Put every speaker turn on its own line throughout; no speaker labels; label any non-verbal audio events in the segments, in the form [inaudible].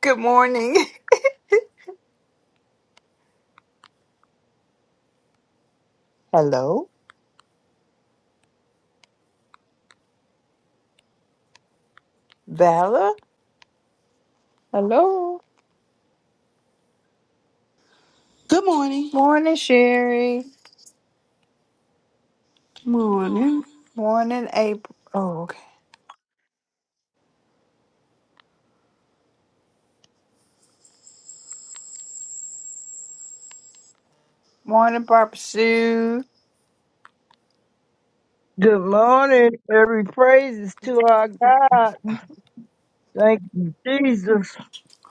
Good morning. [laughs] Hello, Vala. Hello.
Good morning.
Morning, Sherry.
Morning.
Morning, April. Oh, okay. Morning, Barbara Sue.
Good morning. Every praise is to our God.
Mm.
Thank you, Jesus.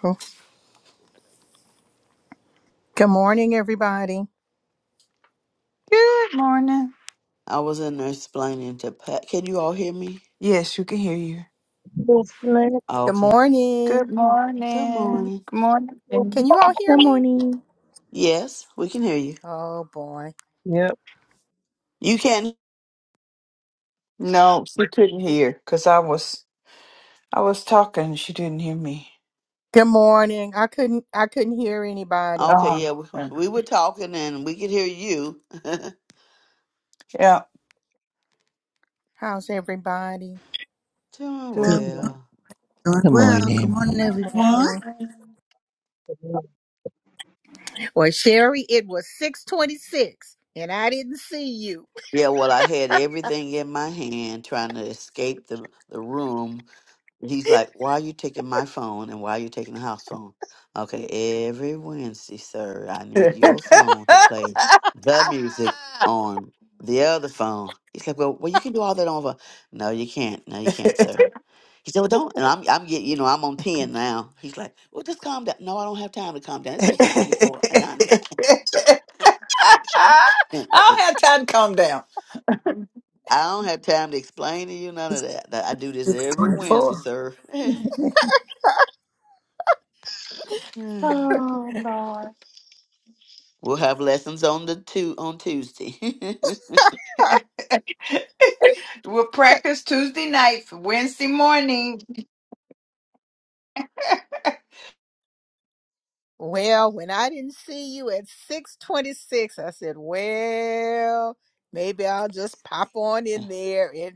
Oh, Good morning, everybody.
Good morning.
I was in there explaining to Pat. Can you all hear me?
Yes, you can hear you.
Most name.
Good
Okay.
morning.
Good
Good
morning.
morning.
Good morning.
Can you all hear
Good
me?
morning.
Yes, we can hear you.
Oh boy.
Yep.
You can.
No, she couldn't hear because I was I was talking. and She didn't hear me.
Good morning. I couldn't I couldn't hear anybody.
Okay,
Oh,
yeah, we, we were talking and we could hear you. [laughs]
Yeah.
How's everybody?
Doing
Good,
Doing well.
well.
doing
Good
well. Good morning,
morning.
everyone.
Morning. Well, Sherry, it was 626 and I didn't see you.
Yeah, well, I had everything in my hand trying to escape the, the room He's
[laughs]
like, why are you taking my phone and why are you taking the house phone? Okay, every Wednesday, sir, I need your phone to play the music on the other phone. He's like, well, well, you can do all that over. No, you can't. No, you can't, sir. He said, well, don't. And I'm, I'm getting, you know, I'm on 10 now. He's like, well, just calm down. No, I don't have time to calm down. It's 624 and I'm,
[laughs] [laughs] I
[laughs]
don't have time to calm down.
I don't have time to explain to you none of that. That I do this
It's
every Wednesday,
24.
sir. [laughs] [sighs] we'll
Oh Lord. [laughs]
have lessons on the two on Tuesday. [laughs]
We'll practice Tuesday night for Wednesday morning.
Well, when I didn't see you at 626, I said, well, maybe I'll just pop on in there and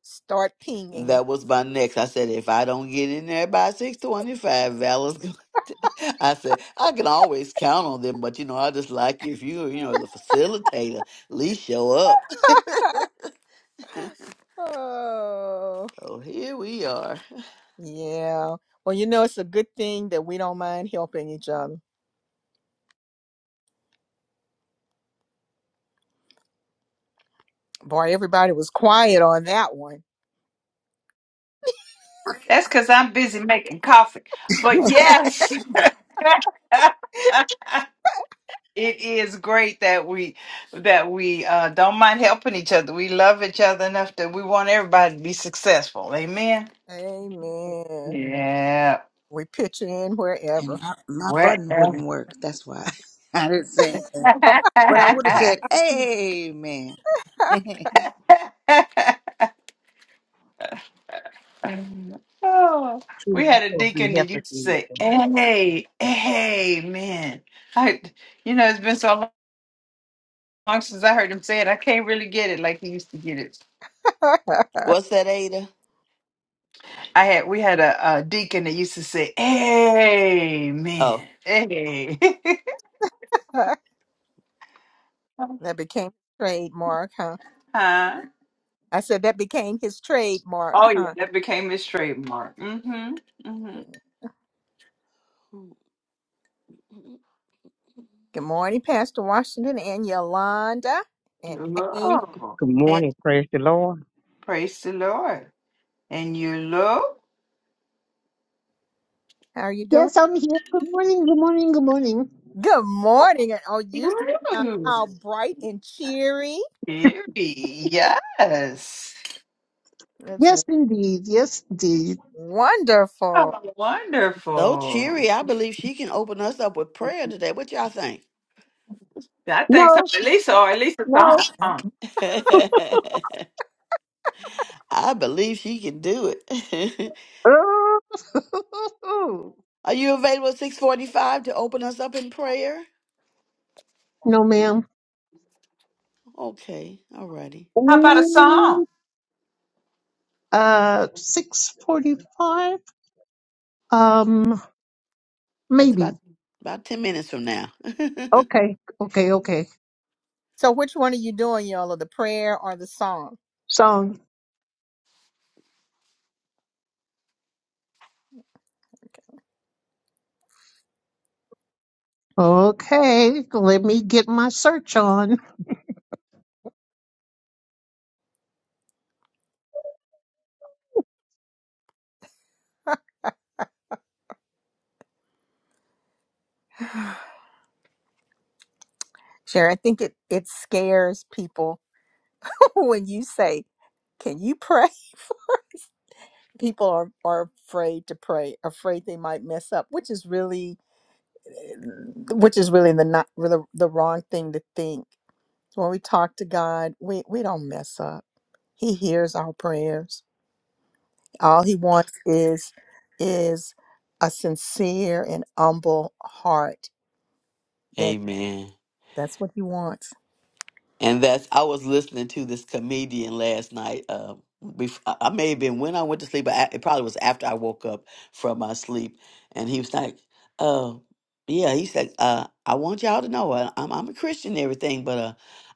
start pinging.
That was my next. I said, if I don't get in there by six twenty-five, Val's going. [laughs] I said I can always count on them, but you know I just like if you, you know, the facilitator, at least show up.
[gasps] [laughs] Oh.
So here we are.
Yeah. Well, you know, it's a good thing that we don't mind helping each other. Boy, everybody was quiet on that one.
That's because I'm busy making coffee.
[laughs]
But yes, [laughs] it is great that we that we uh, don't mind helping each other. We love each other enough that we want everybody to be successful. Amen.
Amen.
Yeah.
We pitch in
and
wherever.
my, my button
Wherever.
wouldn't work. That's why [laughs] I didn't say anything. But I would have said, Amen. [laughs]
[laughs] [laughs] Oh, we
True
had a
of the
deacon that used to
Hepatitis.
say,
Good
"Hey, hey, man!" I, you know, it's been so long since I heard him say it. I can't really get it like he used to get it.
What's that, Ada?
I had, we had a, a deacon that used to say, "Hey,
Oh,
man, hey." [laughs]
[laughs] that became trademark, huh?
huh?
I said that became his trademark,
Oh yeah,
huh?
that became his trademark. Mm-hmm. Mm-hmm.
Good morning, Pastor Washington and Yolanda and Angel.
Oh, and
morning, praise the Lord.
praise the Lord. And you look.
How are you doing?
Yes, I'm here. Good morning, good morning, good morning.
Good morning. And oh, you sound
Ooh,
all bright and cheery.
Very, yes.
That's
Yes, indeed. Yes, indeed.
wonderful.
Oh,
so
wonderful.
cheery. I believe she can open us up with prayer today. What y'all think?
Yeah, I think some
No,
at least or at least a
no.
song.
[laughs] I believe she can do it. [laughs]
Oh, [laughs]
Are you available at six forty-five to open us up in prayer?
no, ma'am.
Okay, all righty.
How about a song?
Ooh, Uh, 645? Um,
That's
maybe.
about about ten minutes from now.
Okay, okay, okay.
So which one are you doing, Yola? The prayer or the song?
Song. Okay, let me get my search on.
[sighs] Sure, I think it, it scares people [laughs] when you say, Can you pray? [laughs] People are, are afraid to pray, afraid they might mess up, which is really eh, which is really the not really the wrong thing to think. When we talk to God, we, we don't mess up. He hears our prayers. All he wants is is a sincere and humble heart.
[laughs]
That
Amen.
that's what he wants.
And that's I was listening to this comedian last night. Uh, bef- I I may have been when I went to sleep, but I, it probably was after I woke up from my sleep. And he was like, "Uh, yeah," he said, uh, "I want y'all to know I, I'm I'm a Christian and everything, but uh,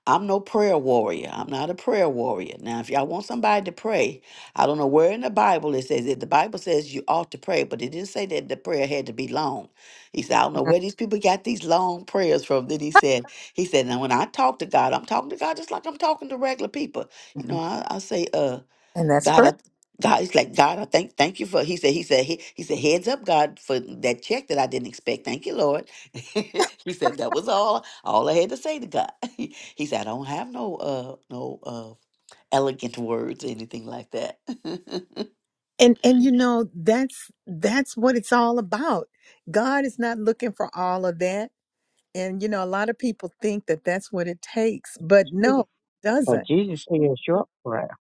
I'm no prayer warrior. I'm not a prayer warrior. Now, if y'all want somebody to pray, I don't know where in the Bible it says it. The Bible says you ought to pray, but it didn't say that the prayer had to be long. He said, I don't know where these people got these long prayers from. Then he said." He said, now when I talk to God, I'm talking to God just like I'm talking to regular people. You know,
Mhm.
I, I say, uh,
And that's
God, I,
correct.
God, he's like, God, I thank, thank you for, he said, he said, he, he said, heads up, God, for that check that I didn't expect. Thank you, Lord. [laughs] he said, that was all, all I had to say to God. [laughs] he said, I don't have no, uh, no, uh, elegant words, anything like that. [laughs]
And and you know that's that's what it's all about. God is not looking for all of that. And you know a lot of people think that that's what it takes, but no, it
For
doesn't.
Jesus said short prayer.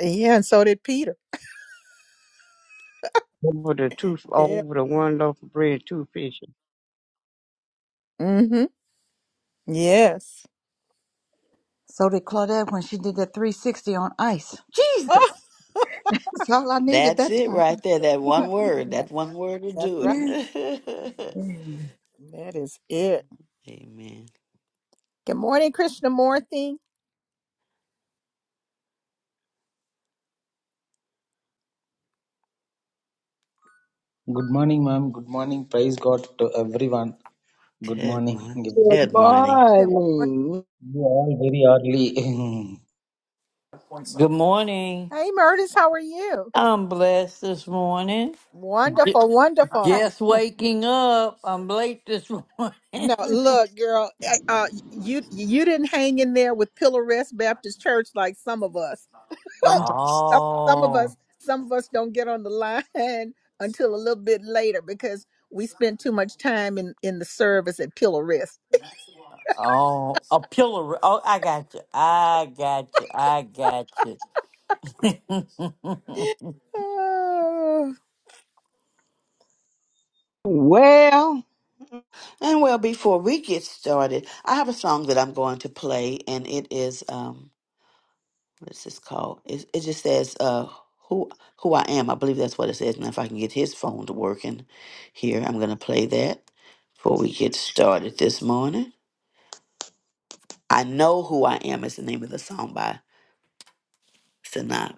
Yeah, and so did Peter.
Over the two
Yeah.
over the one loaf of bread, two fishes.
mm Mhm. Yes. [laughs]
so did Claudette when she did that 360 on ice.
Oh,
Jesus, that's all I needed
That's
that
it right
time.
there. That one
Right.
word.
That-
That one word will
that's
do it.
right.
Amen.
[laughs]
Amen.
That is it.
Amen.
Good morning, Krishnamurti.
Good morning, ma'am. Good morning. Praise God to everyone. Good
Good
morning.
morning.
[laughs]
Good
Good morning.
Good morning.
morning.
You all very early. [laughs]
Good morning.
Hey, Murtis, how are you?
I'm blessed this morning. Ju-
Wonderful, wonderful.
Just waking up. I'm late this morning. [laughs]
No, look, girl, I- uh, you you didn't hang in there with Pillar Rest Baptist Church like some of us.
Come on.
Some, some of
oh,
us, some of us don't get on the line [laughs] until a little bit later because we spend too much time in in the service at Pillar Rest. [sighs]
oh, a pillow. Oh, I got you. I got you. I got
[laughs]
you.
Oh,
Well,
And well, before we get started, I have a song that I'm going to play, and it is um, what's this called? It, it just says uh who who I am. I believe that's what it says. Now if I can get his phone to working here, I'm gonna play that before we get started this morning. I know who I am is the name of the song by Sanaa.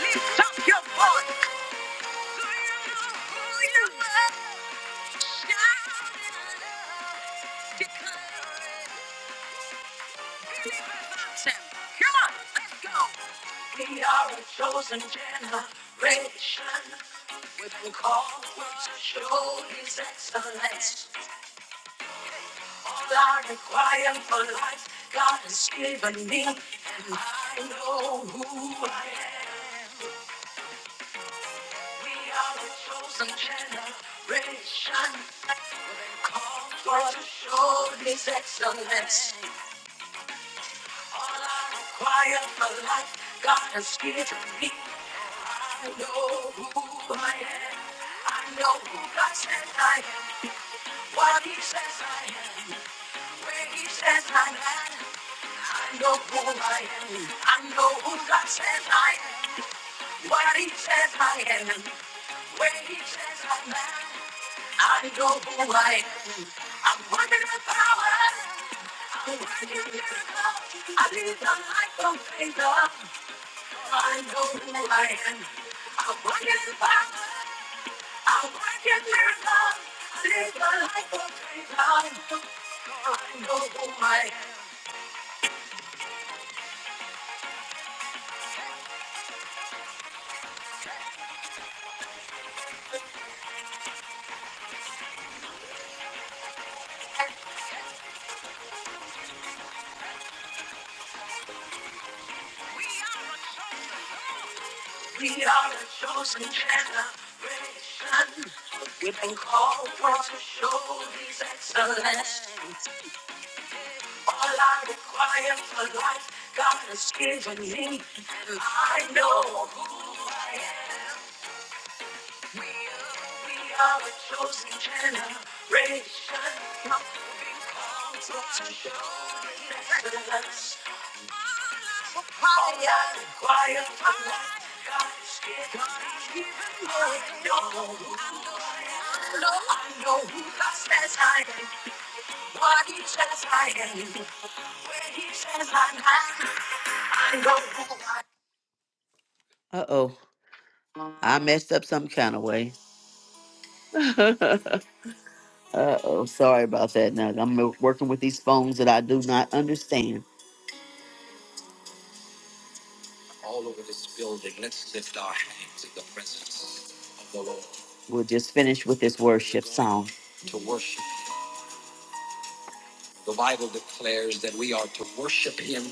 Lift up your voice. Declare Come on, let's go. We are a chosen generation with a call to show His excellence. All I require for life, God has given me, and I know who I am. We are a chosen generation with a call to show His excellence. All I require for life, God has given me. I know who I am. I know who God says I am. What He says I am. Where He says I'm at. I know who I am. I know who God says I am. What he says I am, where he says I'm at, I know who I am. I'm working in power, I'm working miracles. I live a life of favor. I know who I am. I'm working in power, I'm working miracles. I live a life of favor. I know who I am. We are the chosen generation. We've been called upon to show His excellence. All I require for life, God has given me, and I know who I am. We are, we are the chosen generation. We've been called upon to show His excellence. I know who God says I am, what He says I am, where He says I'm at. I know who I am. Uh oh, I messed up some kind of way. Uh oh, sorry about that. Now I'm working with these phones that I do not understand. all over this building. Let's lift our hands in the presence of the Lord. We'll just finish with this worship song. To worship. The Bible declares that we are to worship Him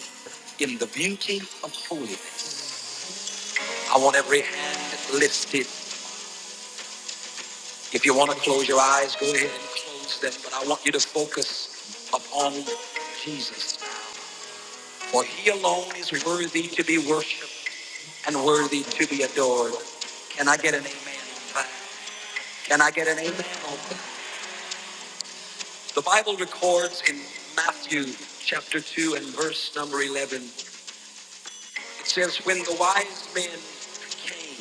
in the beauty of holiness. I want every hand lifted. If you want to close your eyes, go ahead and close them. But I want you to focus upon Jesus. For He alone is worthy to be worshiped and worthy to be adored. Can I get an amen? on that? Can I get an amen? The Bible records in Matthew chapter 2 and verse number 11, it says, When the wise men came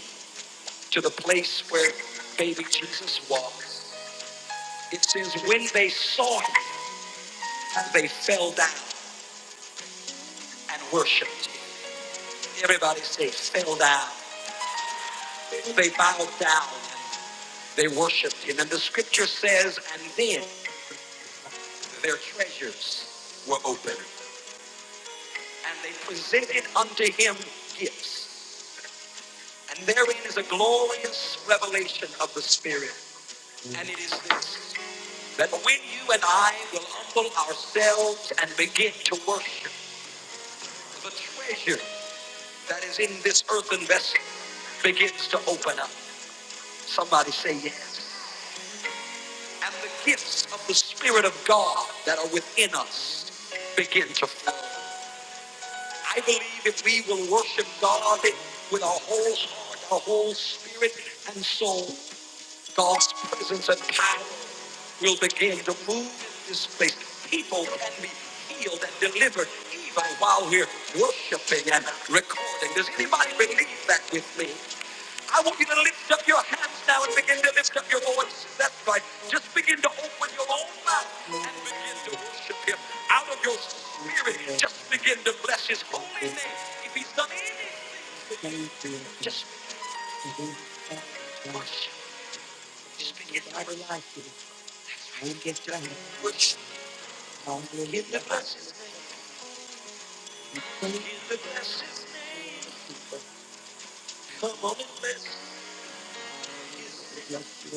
to the place where baby Jesus was, it says, When they saw him, they fell down and worshiped him. Everybody say, fell down. They bowed down. They worshiped him. And the scripture says, And then their treasures were opened. and they presented unto him gifts. And therein is a glorious revelation of the Spirit. And it is this that when you and I will humble ourselves and begin to worship, the treasure that is in this earthen vessel begins to open up. Somebody say yes. And the gifts of the Spirit of God that are within us begin to flow. I believe if we will worship God with our whole heart, our whole spirit and soul, God's presence and power will begin to move in this place. People can be healed and delivered even while we're worshiping and recording. Does anybody believe that with me? I want you to lift up your hands now and begin to lift up your voice. That's right. Just begin to open your own mouth and begin to worship Him out of your spirit. Just begin to bless His holy name. If He's done anything, just worship. Just begin to worship. Give the blessings. Give the blessings. Come on and bless His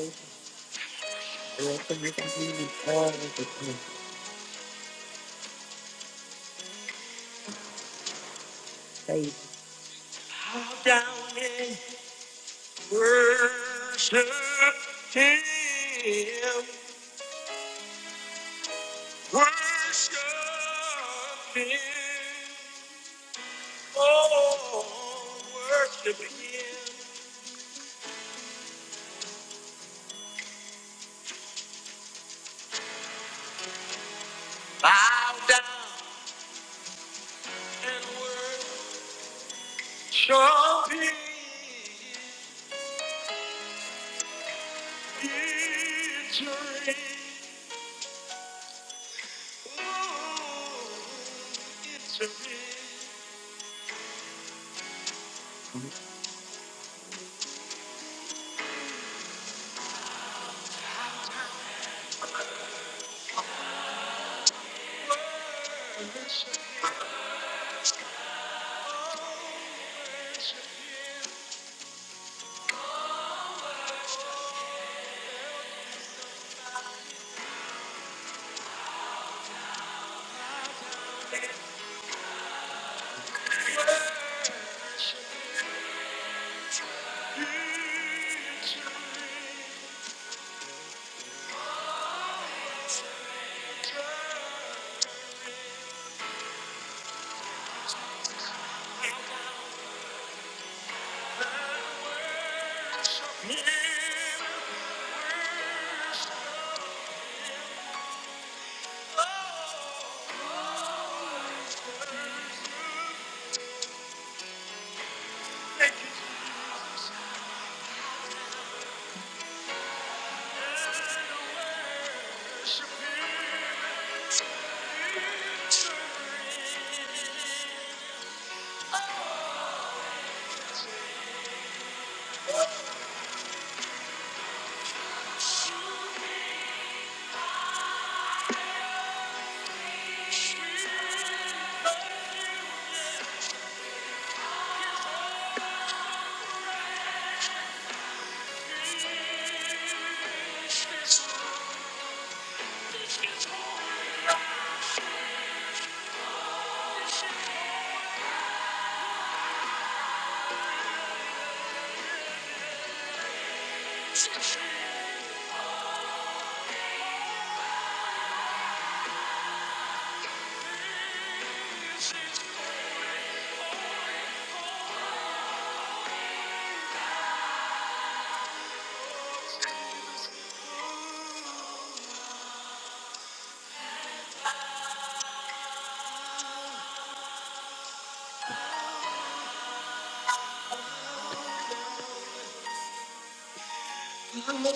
name. Bow down and worship Him. Worship Him. Oh, worship Him. Bow down and worship Him. Victory.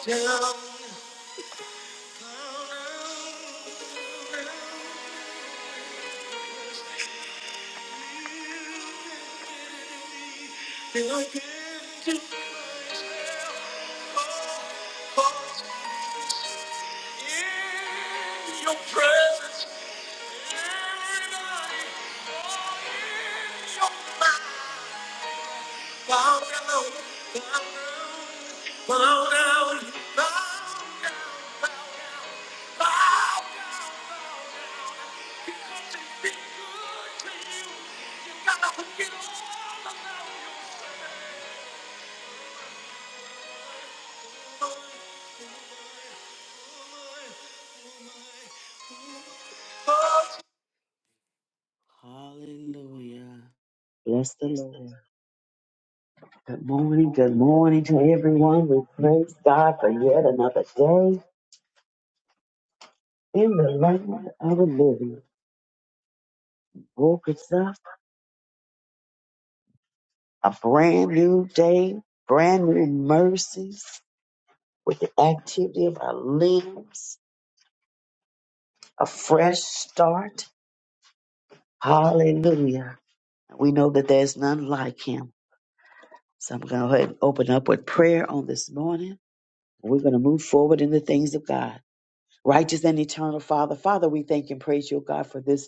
Down. And I give to myself, oh, oh, in your presence, every night, oh, in your mind. Bow down, bow down, bow down, bow down. bow down. Hallelujah.
Bless the Lord. Good morning. Good morning to everyone. We praise God for yet another day in the land of the living. Woke us up a brand new day, brand new mercies with the activity of our limbs, a fresh start. Hallelujah. We know that there's none like him. So I'm going to go ahead and open up with prayer on this morning. We're going to move forward in the things of God. Righteous and eternal Father, Father, we thank and praise you, God, for this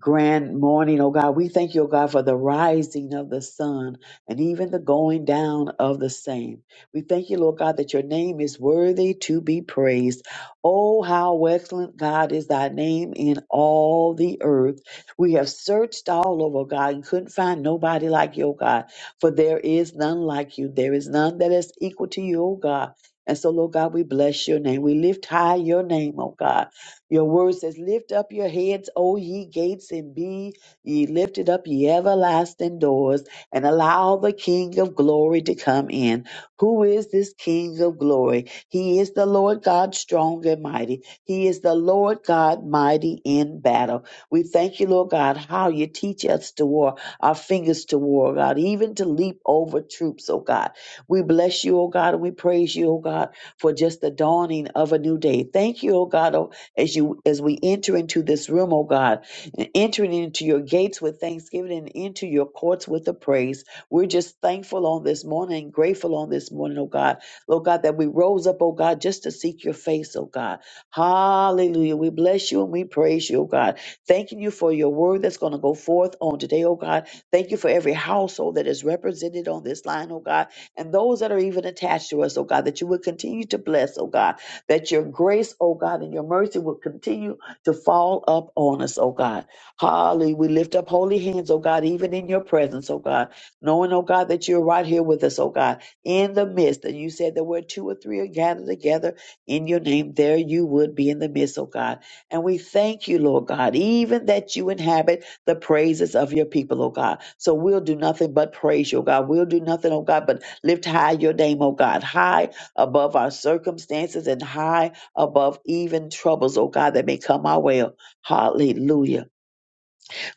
grand morning, oh God. We thank you, oh God, for the rising of the sun and even the going down of the same. We thank you, Lord God, that your name is worthy to be praised. Oh, how excellent, God, is thy name in all the earth. We have searched all over, oh God, and couldn't find nobody like you, oh God, for there is none like you. There is none that is equal to you, oh God. And so, Lord God, we bless your name. We lift high your name, oh God. Your word says, Lift up your heads, O ye gates, and be ye lifted up, ye everlasting doors, and allow the King of glory to come in. Who is this King of glory? He is the Lord God, strong and mighty. He is the Lord God, mighty in battle. We thank you, Lord God, how you teach us to war, our fingers to war, God, even to leap over troops, oh God. We bless you, oh God, and we praise you, oh God, for just the dawning of a new day. Thank you, oh God, oh as you as we enter into this room, oh God, and entering into your gates with thanksgiving and into your courts with a praise. We're just thankful on this morning, grateful on this morning, oh God. Lord God, that we rose up, oh God, just to seek your face, oh God. Hallelujah. We bless you and we praise you, oh God. Thanking you for your word that's going to go forth on today, oh God. Thank you for every household that is represented on this line, oh God, and those that are even attached to us, oh God, that you would continue to bless, oh God that your grace, oh God, and your mercy will continue to fall up on us, oh God. Hallelujah. We lift up holy hands, oh God, even in your presence, oh God, knowing, oh God, that you're right here with us, oh God, in the midst. And you said that where two or three are gathered together in your name, there you would be in the midst, oh God. And we thank you, Lord God, even that you inhabit the praises of your people, oh God. So we'll do nothing but praise you, oh God. We'll do nothing, oh God, but lift high your name, oh God. High above our circumstances and high above even troubles, oh God, that may come our way. Hallelujah.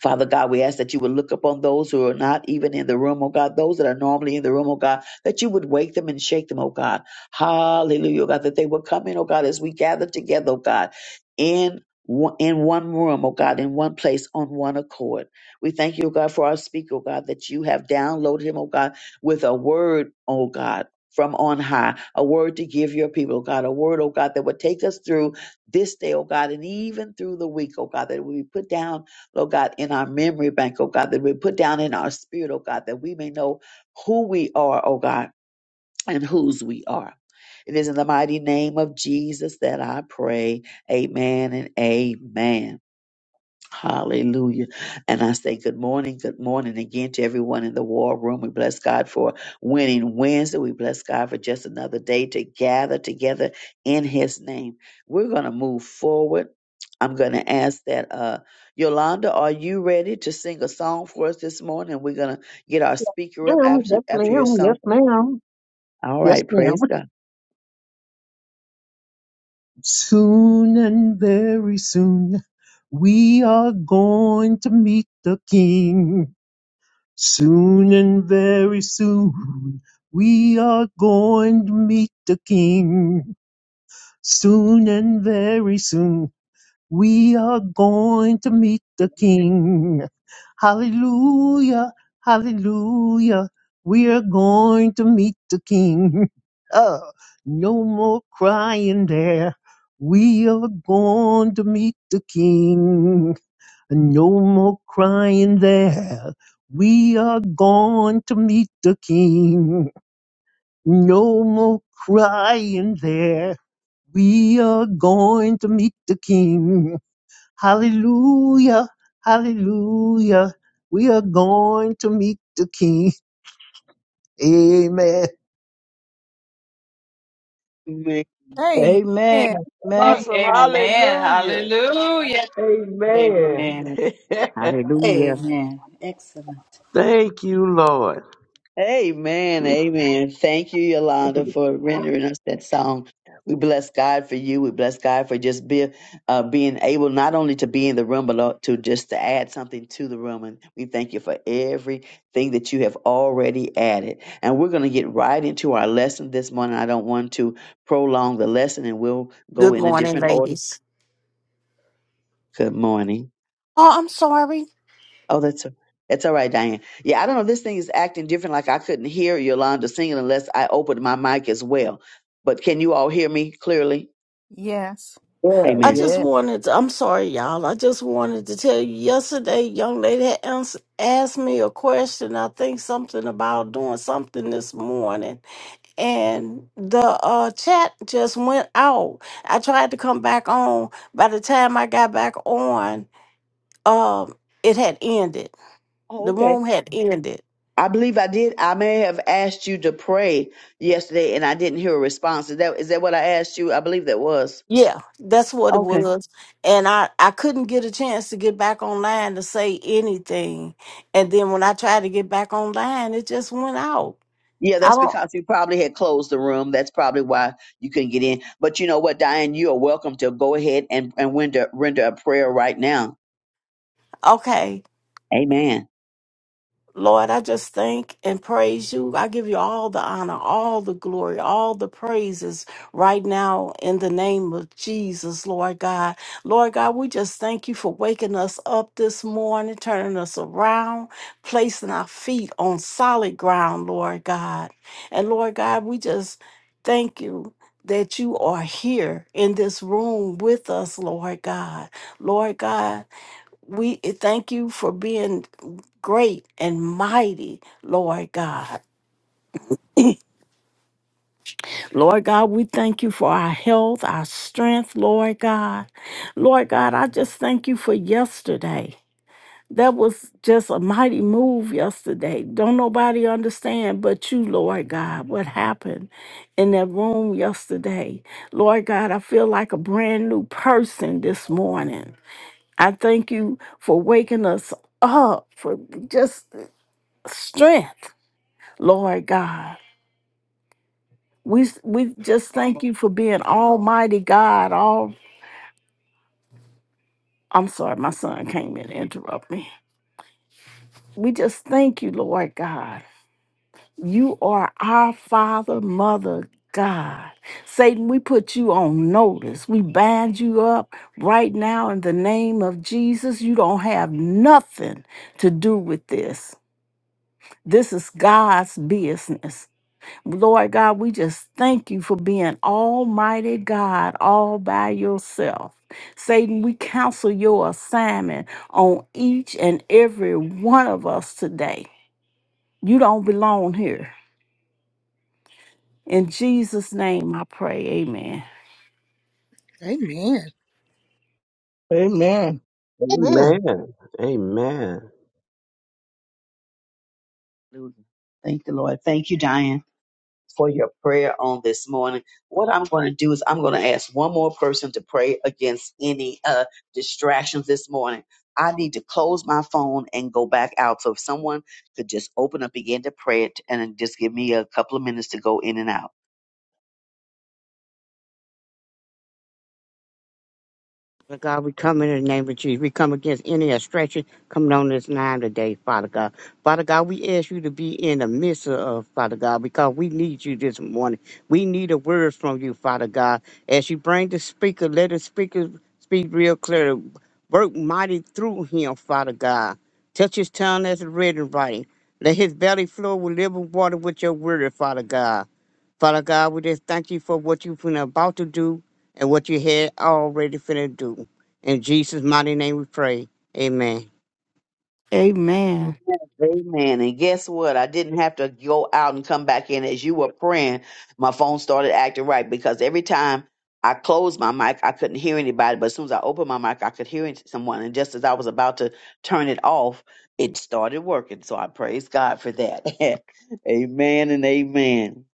Father God, we ask that you would look upon those who are not even in the room, oh God, those that are normally in the room, oh God, that you would wake them and shake them, oh God. Hallelujah, oh God, that they would come in, oh God, as we gather together, oh God, in one- in one room, oh God, in one place, on one accord. We thank you, oh God, for our speaker, oh God, that you have downloaded him, oh God, with a word, oh God, from on high, a word to give your people, oh God, a word, oh God, that would take us through this day, oh God, and even through the week, oh God, that we put down Lord God, in our memory bank, oh God, that we put down in our spirit, oh God, that we may know who we are, oh God, and whose we are. It is in the mighty name of Jesus that I pray. Amen and amen. Hallelujah. And I say good morning, good morning again to everyone in the war room. We bless God for winning Wednesday. We bless God for just another day to gather together in His name. We're going to move forward. I'm going to ask that, uh, Yolanda, are you ready to sing a song for us this morning? We're going to get our speaker up
ma'am.
after,
Yes,
after your
ma'am. Yes,
song.
ma'am.
All
Yes,
right.
ma'am.
Praise God.
Soon and very soon, we are going to meet the King. Soon and very soon we are going to meet the King. Soon and very soon we are going to meet the King. Hallelujah, hallelujah. We are going to meet the King. [laughs] Oh, no more crying there. We are going to meet the King and no more crying there. We are going to meet the King. No more crying there. We are going to meet the King. Hallelujah, hallelujah. We are going to meet the King. Amen.
amen.
Amen.
Amen.
Awesome.
Amen.
Hallelujah.
Hallelujah. Amen.
[laughs]
Hallelujah.
Amen. Excellent.
Thank you, Lord.
Amen. Amen. Thank you, Yolanda, for rendering us that song. We bless God for you. We bless God for just be, uh, being able not only to be in the room, but lo- to just to add something to the room. And we thank you for everything that you have already added. And we're going to get right into our lesson this morning. I don't want to prolong the lesson, and we'll go
Good
in a
morning,
different order.
ladies.
Good morning.
Oh, I'm sorry.
Oh, that's that's all right, Diane. Yeah, I don't know. This thing is acting different. Like I couldn't hear Yolanda singing unless I opened my mic as well. But can you all hear me clearly?
Yes.
Yeah,
I
Amen.
just
yeah.
wanted to, I'm sorry, y'all. I just wanted to tell you yesterday, young lady had ans- asked me a question. I think something about doing something this morning. And the uh, chat just went out. I tried to come back on. By the time I got back on, um, it had ended.
Oh,
The
okay.
room had ended.
I believe I did. I may have asked you to pray yesterday, and I didn't hear a response. Is that is that what I asked you? I believe that was.
Yeah, that's what it
Okay.
was. And I, I couldn't get a chance to get back online to say anything. And then when I tried to get back online, it just went out.
Yeah,
I
that's
don't,
because you probably had closed the room. That's probably why you couldn't get in. But you know what, Diane, you are welcome to go ahead and and render render a prayer right now.
okay.
Amen.
Lord, I just thank and praise you. I give you all the honor, all the glory, all the praises right now in the name of Jesus, Lord God. Lord God, we just thank you for waking us up this morning, turning us around, placing our feet on solid ground, Lord God. And Lord God, we just thank you. That you are here in this room with us, Lord God. Lord God, we thank you for being great and mighty, Lord God. Lord God, we thank you for our health, our strength, Lord God. Lord God, I just thank you for yesterday. That was just a mighty move yesterday. Don't nobody understand but you, Lord God, what happened in that room yesterday. Lord God, I feel like a brand new person this morning. I thank you for waking us up, for just strength, Lord God. We we just thank you for being Almighty God. All I'm sorry, my son came in to interrupt me. We just thank you, Lord God. You are our Father, Mother, God. Satan, we put you on notice. We bind you up right now in the name of Jesus. You don't have nothing to do with this. This is God's business. Lord God, we just thank you for being Almighty God all by yourself. Satan, we cancel your assignment on each and every one of us today. You don't belong here. In Jesus' name I pray, amen.
amen.
Amen.
Amen.
Amen. Amen.
Thank the Lord. Thank you, Diane. for your prayer on this morning. What I'm going to do is I'm going to ask one more person to pray against any uh, distractions this morning. I need to close my phone and go back out. So if someone could just open up, begin to pray it, and then just give me a couple of minutes to go in and out.
Father God, we come in the name of Jesus. We come against any obstruction coming on this line today, Father God. Father God, we ask you to be in the midst of, Father God, because we need you this morning. We need a word from you, Father God. As you bring the speaker, let the speaker speak real clear. Work mighty through him, Father God. Touch his tongue as it read and writing. Let his belly flow with living water with your word, Father God. Father God, we just thank you for what you've been about to do and what you had already finna do. In Jesus' mighty name we pray. Amen.
Amen.
Amen. And guess what? I didn't have to go out and come back in as you were praying. My phone started acting right because every time I closed my mic, I couldn't hear anybody. But as soon as I opened my mic, I could hear it- someone. And just as I was about to turn it off, it started working. So I praise God for that. [laughs] amen and amen.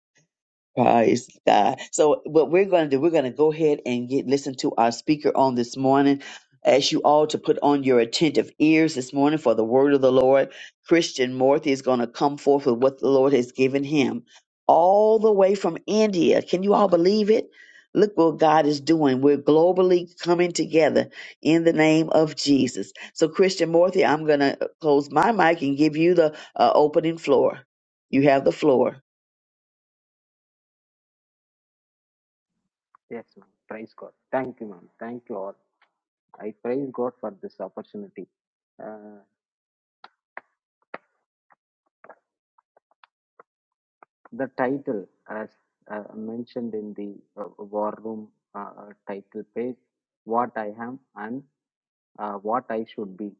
Praise God. So what we're going to do, we're going to go ahead and get listen to our speaker on this morning. Ask you all to put on your attentive ears this morning for the word of the Lord. Christian Morthy is going to come forth with what the Lord has given him all the way from India. Can you all believe it? Look what God is doing. We're globally coming together in the name of Jesus. So, Christian Morthy, I'm going to close my mic and give you the uh, opening floor. You have the floor.
Yes, ma'am. Praise God. Thank you, ma'am. Thank you all. I praise God for this opportunity. Uh, the title, as uh, mentioned in the uh, War Room uh, title page, What I Am and uh, What I Should Be.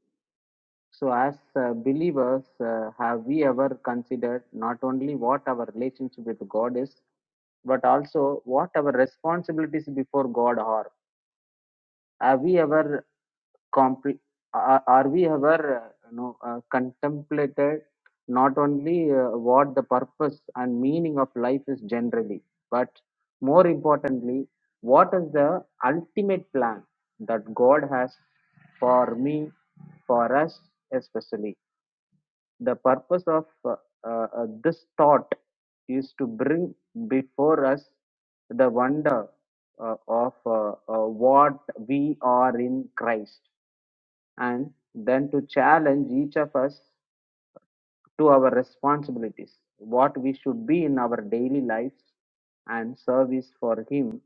So, as uh, believers, uh, have we ever considered not only what our relationship with God is, but also what our responsibilities before God are. Have we ever compre- are, are we ever uh, you know, uh, contemplated not only uh, what the purpose and meaning of life is generally, but more importantly, what is the ultimate plan that God has for me, for us especially? the purpose of uh, uh, this thought is to bring before us the wonder uh, of uh, uh, what we are in Christ and then to challenge each of us to our responsibilities, what we should be in our daily lives and service for Him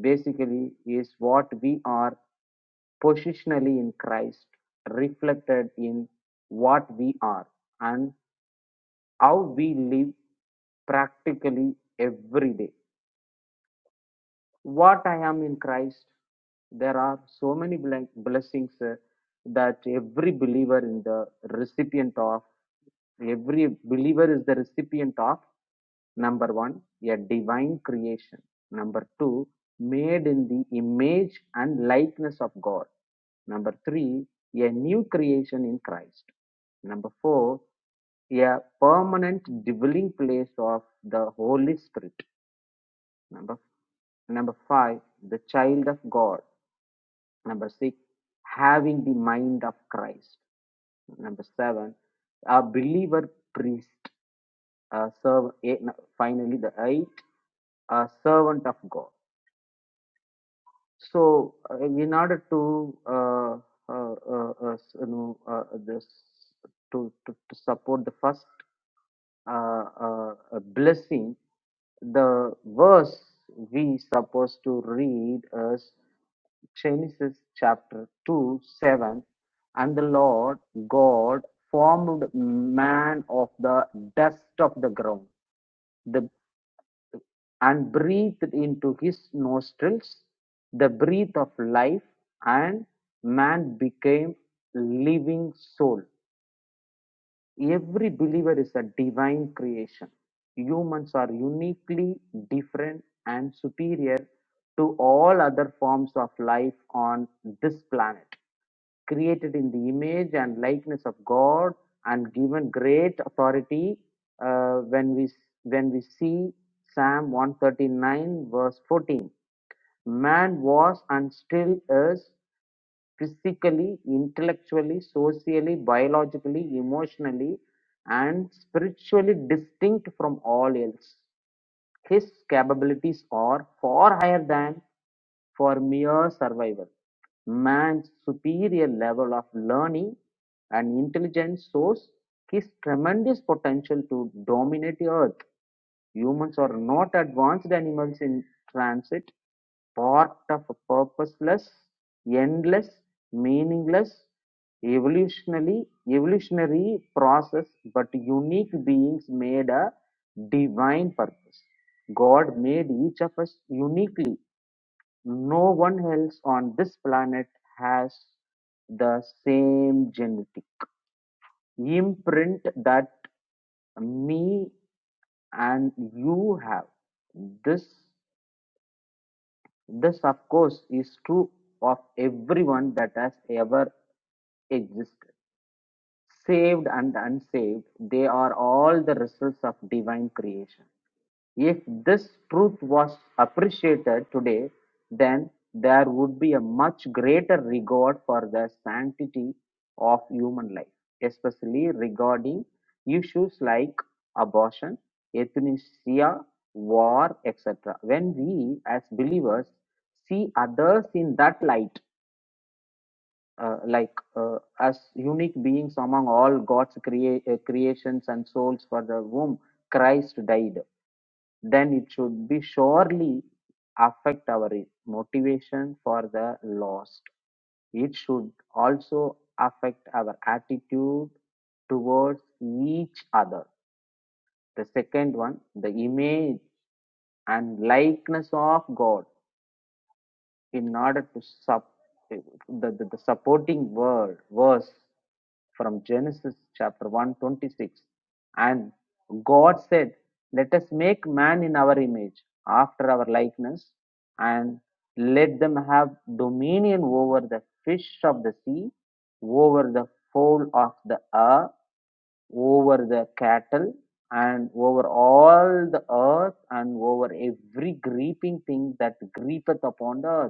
basically is what we are positionally in Christ, reflected in what we are. and how we live practically every day. What I am in Christ, there are so many blen- blessings uh, that every believer in the recipient of, every believer is the recipient of. Number one, a divine creation. Number two, made in the image and likeness of God. Number three, a new creation in Christ. Number four, a permanent dwelling place of the Holy Spirit. Number number five, the child of God. Number six, having the mind of Christ. Number seven, a believer priest uh, serve, eh, no, finally the eight, a servant of God. So, uh, in order to uh, uh, uh, uh, you know uh, this to, to to support the first uh, uh, uh, blessing, the verse we supposed to read is Genesis chapter two seven, and the Lord God formed man of the dust of the ground. The and breathed into his nostrils the breath of life, and man became living soul. Every believer is a divine creation. Humans are uniquely different and superior to all other forms of life on this planet. Created in the image and likeness of God and given great authority, uh, when we when we see Psalm 139 verse 14, man was and still is physically, intellectually, socially, biologically, emotionally, and spiritually distinct from all else. His capabilities are far higher than for mere survival. Man's superior level of learning and intelligence shows his tremendous potential to dominate Earth. Humans are not advanced animals in transit, part of a purposeless, endless, meaningless, evolutionary, evolutionary process, but unique beings made a divine purpose. God made each of us uniquely. No one else on this planet has the same genetic imprint that me and you have this this of course is true of everyone that has ever existed saved and unsaved they are all the results of divine creation if this truth was appreciated today, then there would be a much greater regard for the sanctity of human life, especially regarding issues like abortion, euthanasia, war, etc. When we, as believers, see others in that light, uh, like uh, as unique beings among all God's crea- uh, creations and souls for the whom Christ died, then it should be surely affect our motivation for the lost. It should also affect our attitude towards each other. The second one, the image and likeness of God in order to sup, the, the, the supporting word, verse from Genesis chapter 126. And God said, Let us make man in our image, after our likeness, and let them have dominion over the fish of the sea, over the fowl of the earth, over the cattle, and over all the earth, and over every creeping thing that creepeth upon the earth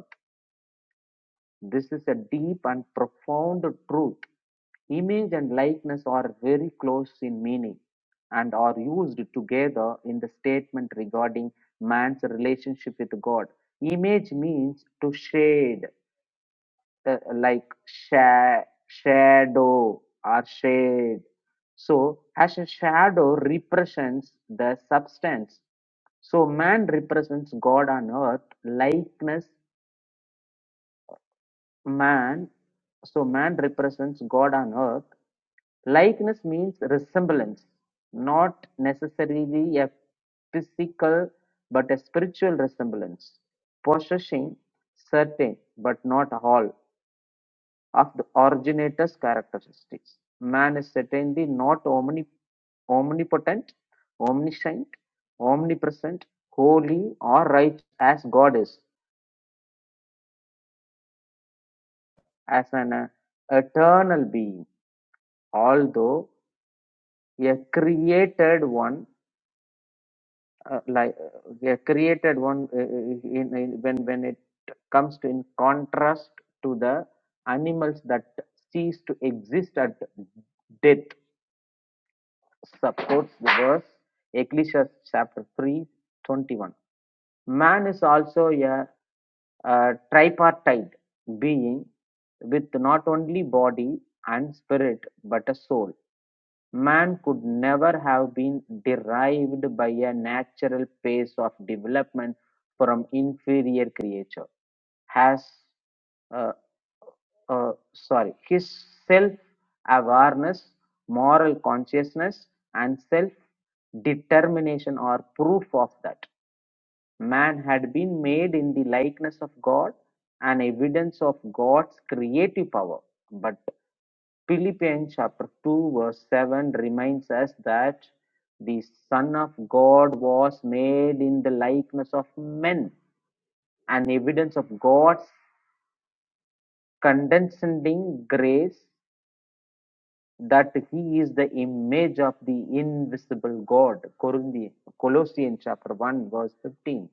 this is a deep and profound truth. Image and likeness are very close in meaning and are used together in the statement regarding man's relationship with God. Image means to shade, uh, like sha- shadow or shade. So, as a shadow represents the substance, so man represents God on earth. Likeness Man, so man represents God on earth. Likeness means resemblance, not necessarily a physical but a spiritual resemblance, possessing certain but not all of the originator's characteristics. Man is certainly not omni- omnipotent, omniscient, omnipresent, holy, or righteous as God is, as an uh, eternal being, although a created one uh, like uh, a created one uh, uh, in, in, when when it comes to in contrast to the animals that cease to exist at death supports the verse ecclesiastes chapter 3 21. man is also a, a tripartite being with not only body and spirit but a soul Man could never have been derived by a natural pace of development from inferior creature. Has uh, uh, sorry, his self-awareness, moral consciousness, and self-determination are proof of that. Man had been made in the likeness of God, an evidence of God's creative power. But Philippians chapter 2 verse 7 reminds us that the Son of God was made in the likeness of men, an evidence of God's condescending grace that he is the image of the invisible God. Corinthians, Colossians chapter 1 verse 15.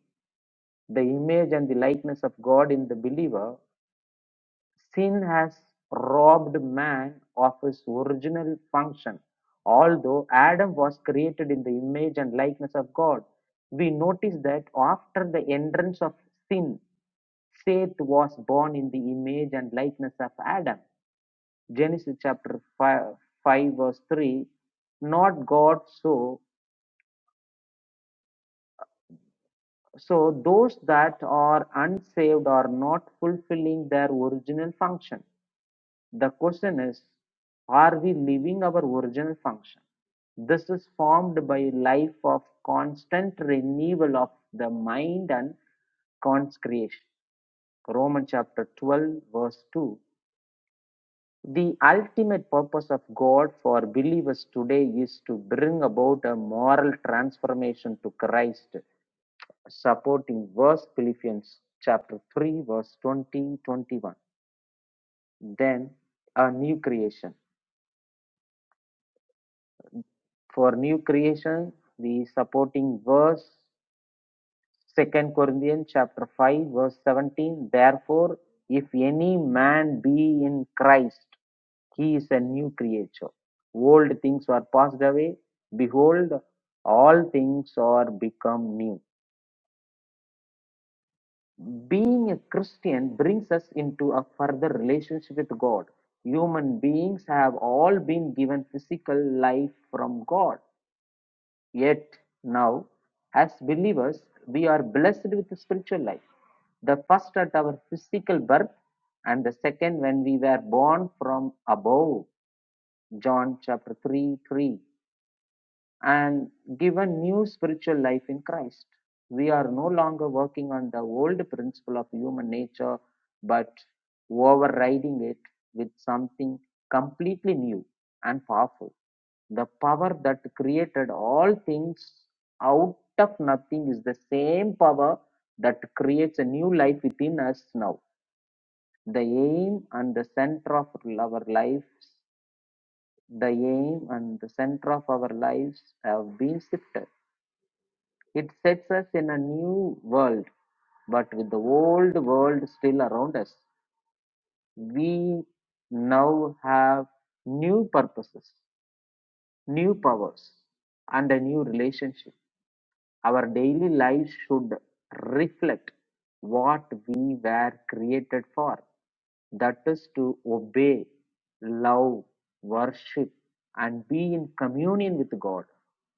The image and the likeness of God in the believer Sin has robbed man of his original function. Although Adam was created in the image and likeness of God, we notice that after the entrance of sin, Seth was born in the image and likeness of Adam. Genesis chapter 5, 5 verse 3 Not God, so so those that are unsaved are not fulfilling their original function The question is, are we leaving our original function? This is formed by life of constant renewal of the mind and consecration. Romans chapter 12, verse 2. The ultimate purpose of God for believers today is to bring about a moral transformation to Christ, supporting verse Philippians chapter 3, verse 20 to 21. Then a new creation. For new creation, the supporting verse, Second Corinthians chapter 5, verse 17. Therefore, if any man be in Christ, he is a new creature. Old things are passed away. Behold, all things are become new. Being a Christian brings us into a further relationship with God. Human beings have all been given physical life from God. Yet now, as believers, we are blessed with the spiritual life. The first at our physical birth, and the second when we were born from above. John chapter 3 3 and given new spiritual life in Christ. We are no longer working on the old principle of human nature, but overriding it with something completely new and powerful. The power that created all things out of nothing is the same power that creates a new life within us now. The aim and the center of our lives, the aim and the center of our lives have been shifted it sets us in a new world, but with the old world still around us. We now have new purposes, new powers, and a new relationship. Our daily lives should reflect what we were created for, that is, to obey, love, worship, and be in communion with God.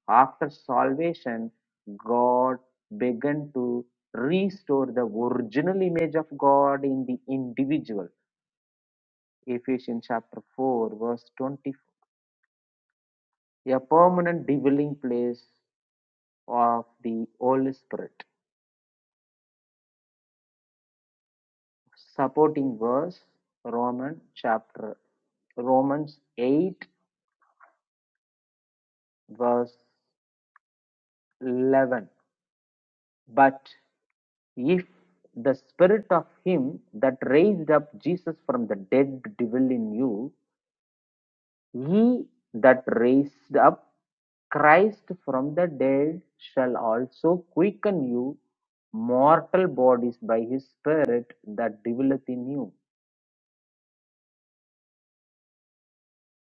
After salvation, God began to restore the original image of God in the individual. Ephesians chapter 4, verse 24. A permanent dwelling place of the Holy Spirit. Supporting verse Roman chapter Romans 8 verse 11. But if the spirit of him that raised up Jesus from the dead dwell in you, he that raised up Christ from the dead shall also quicken you mortal bodies by his spirit that dwelleth in you.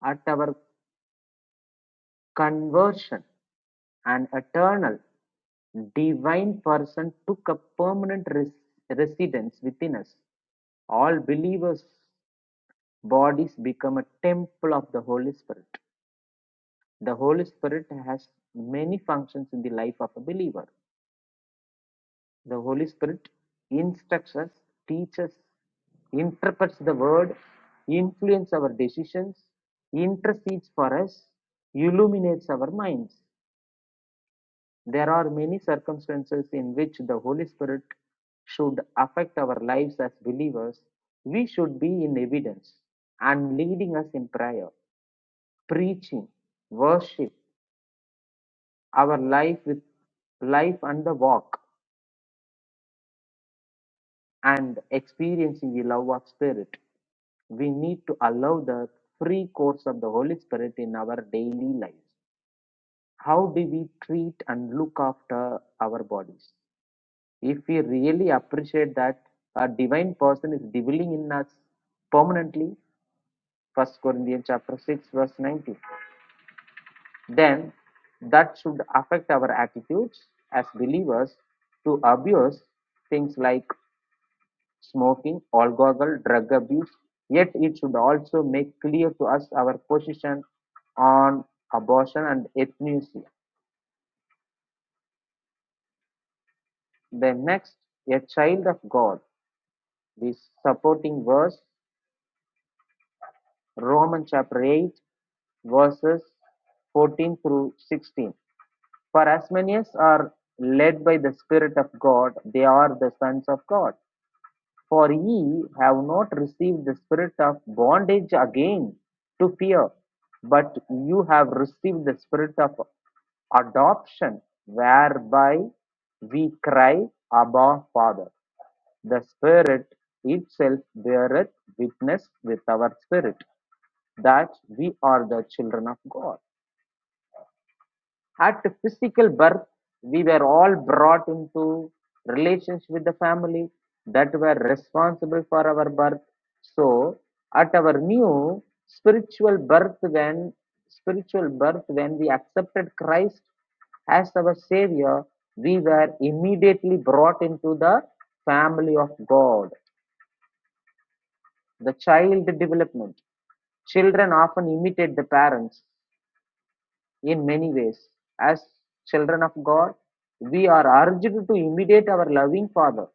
At our conversion, an eternal, divine person took a permanent res- residence within us. All believers' bodies become a temple of the Holy Spirit. The Holy Spirit has many functions in the life of a believer. The Holy Spirit instructs us, teaches, interprets the word, influences our decisions, intercedes for us, illuminates our minds. There are many circumstances in which the Holy Spirit should affect our lives as believers. We should be in evidence and leading us in prayer, preaching, worship, our life with life and the walk, and experiencing the love of Spirit. We need to allow the free course of the Holy Spirit in our daily lives. How do we treat and look after our bodies? If we really appreciate that a divine person is dwelling in us permanently, First Corinthians chapter 6, verse 19, then that should affect our attitudes as believers to abuse things like smoking, alcohol, drug abuse. Yet it should also make clear to us our position on abortion and euthanasia. The next, a child of God. This supporting verse, Romans chapter 8 verses 14 through 16. For as many as are led by the Spirit of God, they are the sons of God. For ye have not received the spirit of bondage again to fear, but you have received the spirit of adoption, whereby we cry, Abba, Father. The Spirit itself beareth witness with our spirit that we are the children of God. At physical birth, we were all brought into relations with the family that were responsible for our birth. So, at our new spiritual birth, when spiritual birth, when we accepted Christ as our Savior, we were immediately brought into the family of God. The child development. Children often imitate the parents. in many ways. As children of God, we are urged to imitate our loving Father,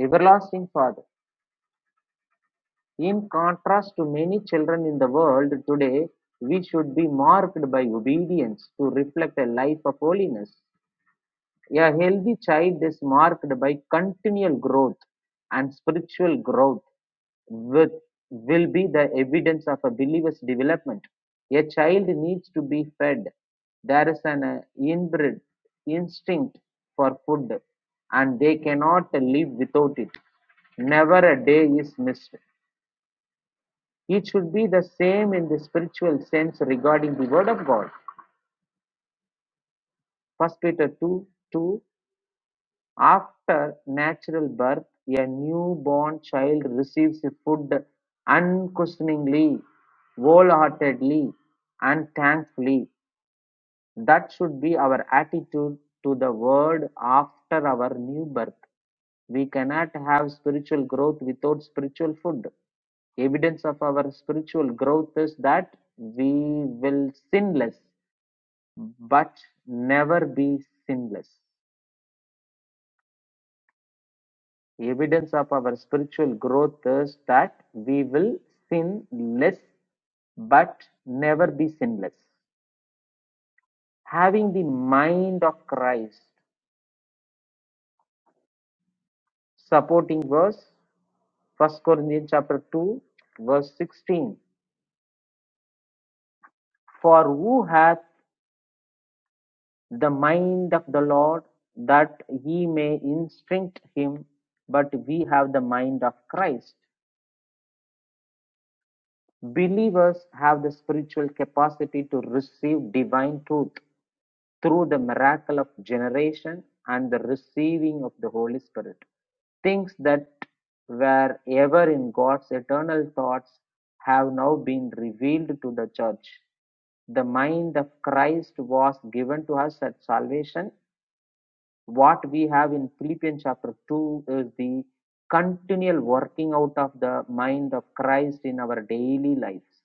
everlasting Father. In contrast to many children in the world today, we should be marked by obedience to reflect a life of holiness. A healthy child is marked by continual growth and spiritual growth with, will be the evidence of a believer's development. A child needs to be fed. There is an uh, inbred instinct for food and they cannot live without it. Never a day is missed. It should be the same in the spiritual sense regarding the Word of God. First Peter two two. After natural birth, a newborn child receives food unquestioningly, wholeheartedly, and thankfully. That should be our attitude to the world after our new birth. We cannot have spiritual growth without spiritual food. Evidence of our spiritual growth is that we will sinless, but never be sinless. Evidence of our spiritual growth is that we will sin less but never be sinless. Having the mind of Christ, supporting verse First Corinthians chapter 2, verse 16. For who hath the mind of the Lord that he may instruct him, but we have the mind of Christ. Believers have the spiritual capacity to receive divine truth through the miracle of generation and the receiving of the Holy Spirit. Things that were ever in God's eternal thoughts have now been revealed to the church. The mind of Christ was given to us at salvation. What we have in Philippians chapter 2 is the continual working out of the mind of Christ in our daily lives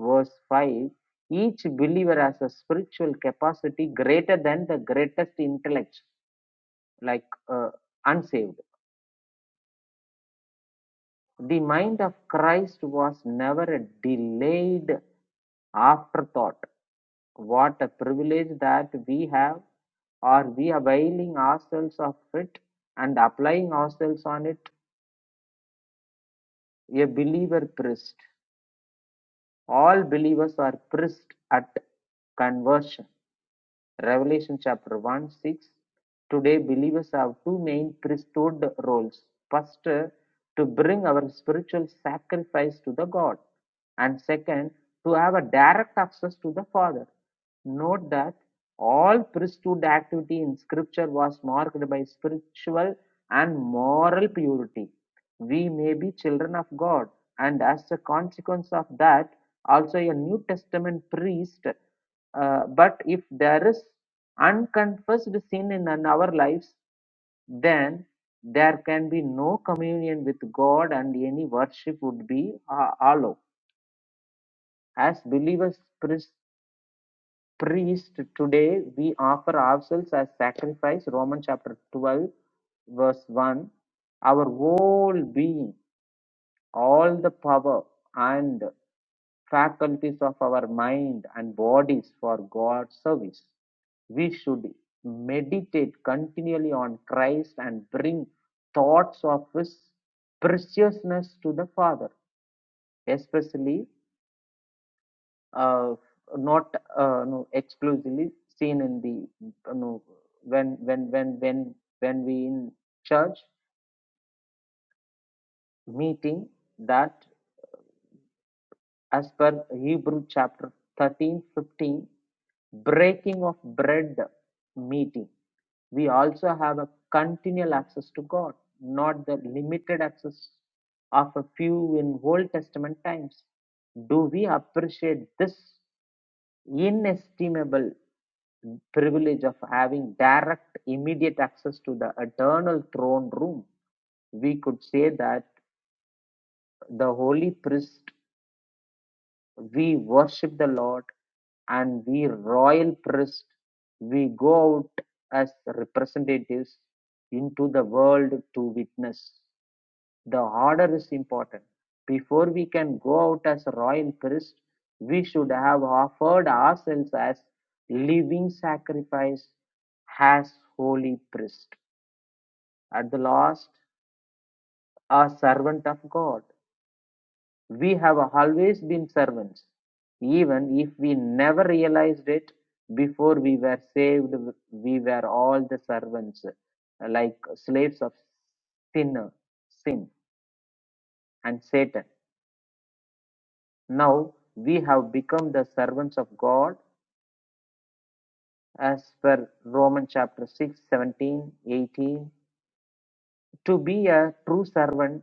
verse 5 each believer has a spiritual capacity greater than the greatest intellect like uh, unsaved the mind of christ was never a delayed afterthought what a privilege that we have or we availing ourselves of it and applying ourselves on it a believer priest all believers are priests at conversion Revelation chapter 1 6 Today, believers have two main priesthood roles. First, to bring our spiritual sacrifice to the God, and second, to have a direct access to the Father. Note that all priesthood activity in Scripture was marked by spiritual and moral purity. We may be children of God, and as a consequence of that, also a New Testament priest uh, but if there is unconfessed sin in our lives, then there can be no communion with God and any worship would be uh, hollow. As believers, priest, priest today, we offer ourselves as sacrifice, Romans chapter 12, verse 1, our whole being. all the power and faculties of our mind and bodies for God's service. We should meditate continually on Christ and bring thoughts of His preciousness to the Father, especially uh, not uh, no, exclusively seen in the you know, when when when when when we in church meeting that As per Hebrew chapter 13 15, breaking of bread meeting, we also have a continual access to God, not the limited access of a few in Old Testament times. Do we appreciate this inestimable privilege of having direct, immediate access to the eternal throne room? We could say that the holy priest we worship the Lord and we royal priests, we go out as representatives into the world to witness. The order is important. Before we can go out as royal priests, we should have offered ourselves as living sacrifice as holy priest. At the last, a servant of God. We have always been servants, even if we never realized it. Before we were saved, we were all the servants, like slaves of sin, sin, and Satan. Now we have become the servants of God, as per Romans chapter 6, 17, 18. To be a true servant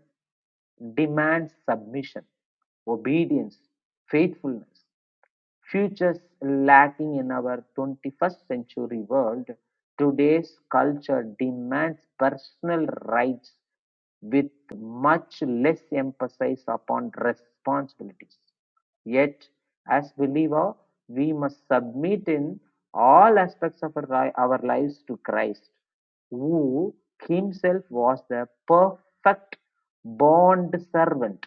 demands submission, obedience, faithfulness. Futures lacking in our twenty-first century world, today's culture demands personal rights with much less emphasis upon responsibilities. Yet, as believers, we must submit in all aspects of our, our lives to Christ, who himself was the perfect bond servant,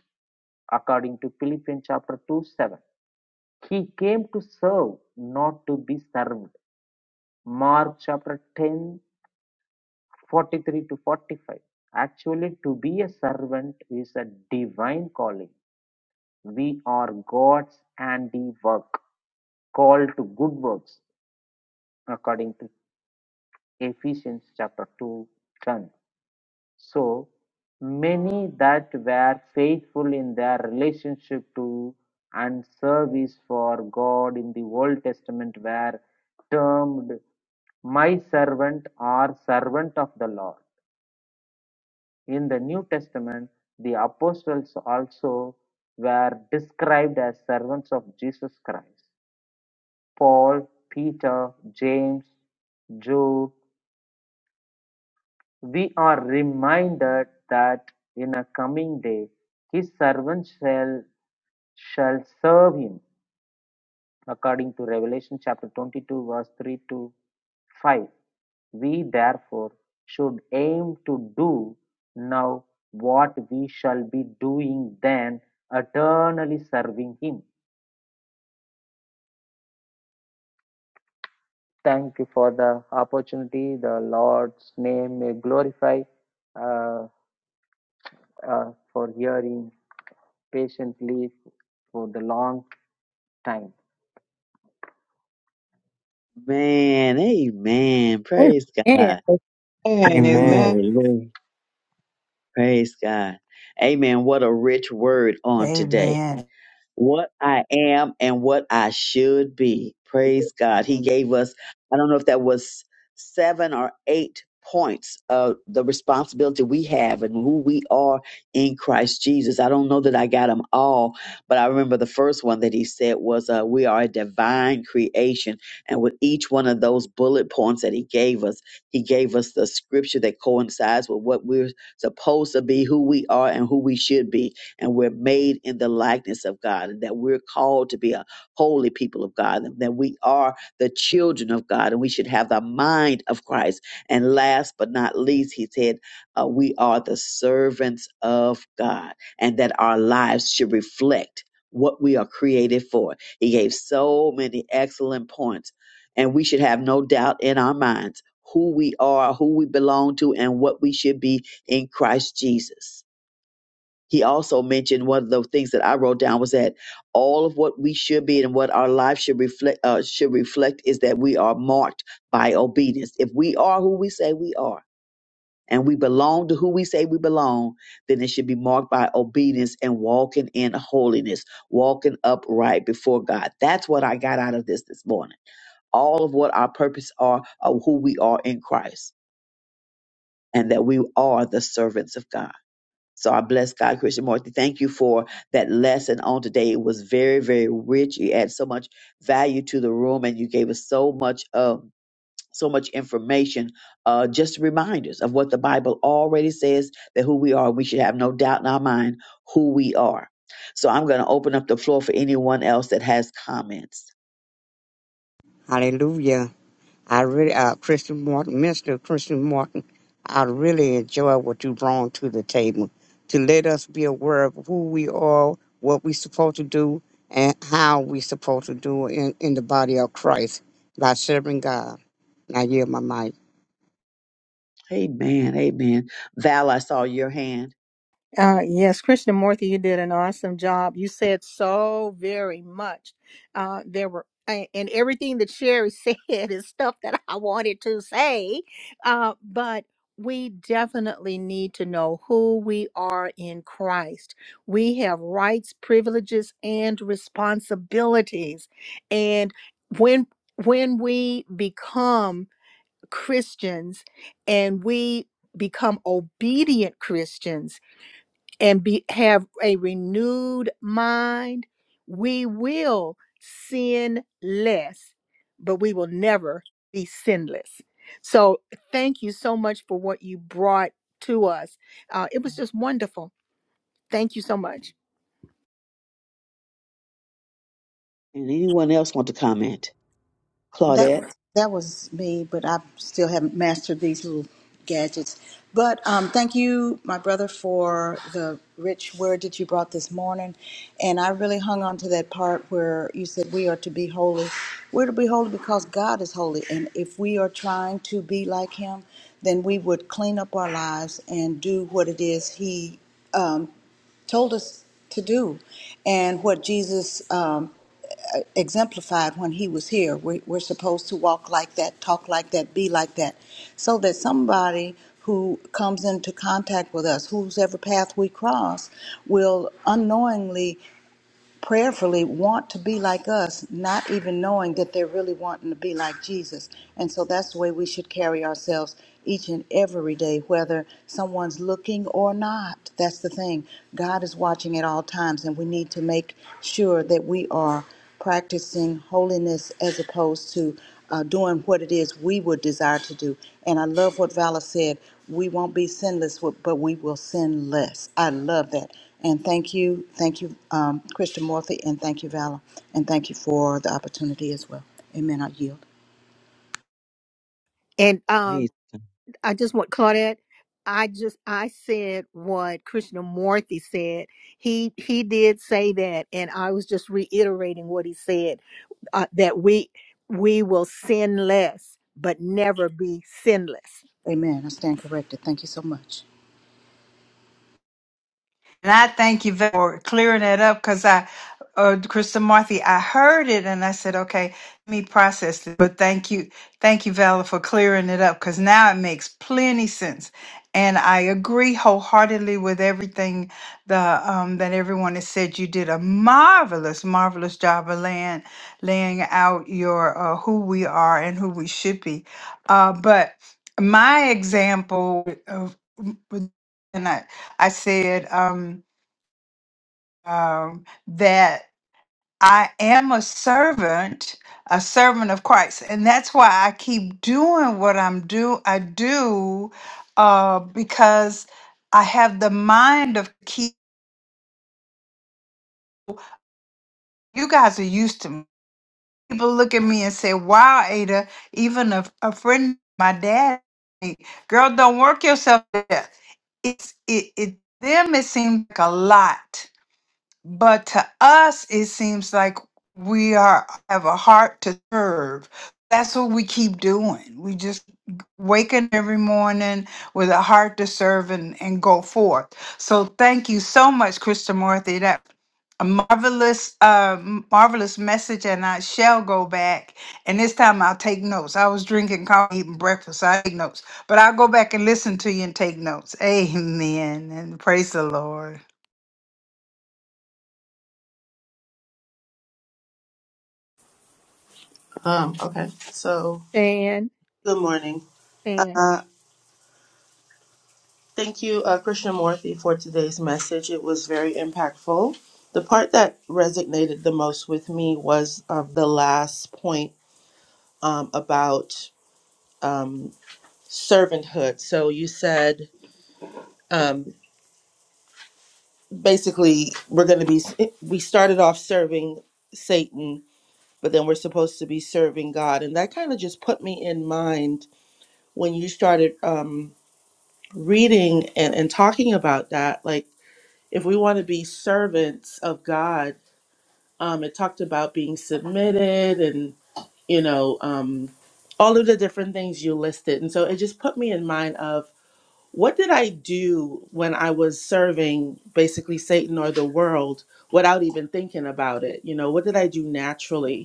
according to Philippians chapter 2 7. He came to serve, not to be served. Mark chapter 10, 43 to 45. Actually, to be a servant is a divine calling. We are God's handiwork, called to good works, according to Ephesians chapter 2, 10. So, many that were faithful in their relationship to and service for God in the Old Testament were termed my servant or servant of the Lord. In the New Testament, the apostles also were described as servants of Jesus Christ. Paul, Peter, James, Jude. We are reminded that in a coming day his servants shall shall serve him according to Revelation chapter 22 verse 3 to 5. We therefore should aim to do now what we shall be doing then, eternally serving Him. Thank you for the opportunity. The Lord's name may glorify uh, uh, for hearing patiently for the long time.
Man, amen. Praise
Amen.
God.
Amen. Amen.
Amen.
Hallelujah. Praise God. Amen. What a rich word on today
Amen.
what I am and what I should be. Praise God. He
Mm,
gave us, I don't know if that was seven or eight points of the responsibility we have and who we are in Christ Jesus. I don't know that I got them all, but I remember the first one that he said was, uh, We are a divine creation. And with each one of those bullet points that he gave us, he gave us the scripture that coincides with what we're supposed to be, who we are, and who we should be and we're made in the likeness of God, and that we're called to be a holy people of God, and that we are the children of God, and we should have the mind of Christ. And last but not least, he said, uh, we are the servants of God, and that our lives should reflect what we are created for. He gave so many excellent points, and we should have no doubt in our minds who we are, who we belong to, and what we should be in Christ Jesus. He also mentioned one of the things that I wrote down was that all of what we should be and what our life should reflect uh, should reflect is that we are marked by obedience. If we are who we say we are and we belong to who we say we belong, then it should be marked by obedience and walking in holiness, walking upright before God. That's what I got out of this this morning. All of what our purpose are, of who we are in Christ, and that we are the servants of God. So I bless God, Christian Morty. Thank you for that lesson on today. It was very, very rich. You add so much value to the room, and you gave us so much, um, so much information. Uh, just reminders of what the Bible already says that who we are, we should have no doubt in our mind who we are. So I'm going to open up the floor for anyone else that has comments.
Hallelujah. I really, uh, Christian Martin, Mr. Christian Martin, I really enjoy what you brought to the table to let us be aware of who we are, what we are supposed to do, and how we are supposed to do in, in the body of Christ by serving God. Now, yeah, my mic.
Amen. Amen. Val, I saw your hand.
Uh, yes, Krishnamurti, you did an awesome job. You said so very much. Uh, there were, a- and everything that Sherry [laughs] said is stuff that I wanted to say. Uh, but we definitely need to know who we are in Christ. We have rights, privileges, and responsibilities. And when when we become Christians and we become obedient Christians and be have a renewed mind, we will sin less, but we will never be sinless. So thank you so much for what you brought to us. Uh, it was just wonderful. Thank you so much.
And anyone else want to comment?
That
Claudette?
was that was me, but I still haven't mastered these little gadgets. But um, thank you, my brother, for the rich word that you brought this morning, and I really hung on to that part where you said we are to be holy. We're to be holy because God is holy, and if we are trying to be like Him, then we would clean up our lives and do what it is He um, told us to do and what Jesus um, exemplified when he was here. We, we're supposed to walk like that, talk like that, be like that, so that somebody who comes into contact with us, whose ever path we cross, will unknowingly prayerfully want to be like us, not even knowing that they're really wanting to be like Jesus. And so that's the way we should carry ourselves each and every day, whether someone's looking or not. That's the thing. God is watching at all times, and we need to make sure that we are practicing holiness as opposed to uh, doing what it is we would desire to do. And I love what Vala said we won't be sinless, but we will sin less. I love that. And thank you, thank you, um, Christian Morphy, and thank you, Vala, and thank you for the opportunity as well. Amen. I yield.
And um,
Praise God.
I just want Claudette. I just I said what Krishnamurti said. He he did say that, and I was just reiterating what he said uh, that we we will sin less, but never be sinless.
Amen. I stand corrected. Thank you so much.
And I thank you for clearing that up because I, uh, Krista Marthy, I heard it and I said, okay, let me process it. But thank you, thank you, Vala, for clearing it up because now it makes plenty sense. And I agree wholeheartedly with everything the um, that everyone has said. You did a marvelous, marvelous job of laying laying out your uh, who we are and who we should be. Uh, but my example of, and I I said um, um, that I am a servant, a servant of Christ, and that's why I keep doing what I'm do. I do uh, because I have the mind of keep. You guys are used to me. people look at me and say, "Wow, Ada, even a, a friend, my dad, girl, don't work yourself to death." It's it, it them. It seems like a lot But to us, it seems like we are have a heart to serve. That's what we keep doing. We just waking every morning with a heart to serve and, and go forth. So thank you so much, Krista Marthy. That a marvelous, uh, marvelous message, and I shall go back. And this time I'll take notes. I was drinking coffee, eating breakfast. So I take notes, but I'll go back and listen to you and take notes. [laughs] Amen. And praise the Lord.
Um, okay, so
And
good morning.
and
Uh, thank you, uh, Christian Morthy, for today's message. It was very impactful. The part that resonated the most with me was uh, the last point um, about um, servanthood. So you said um, basically we're going to be, eh, we started off serving Satan, but then we're supposed to be serving God. And that kind of just put me in mind when you started. Um, reading and, and talking about that, like if we want to be servants of God, um, it talked about being submitted and, you know, um, all of the different things you listed. And so it just put me in mind of what did I do when I was serving basically Satan or the world without even thinking about it? You know, what did I do naturally?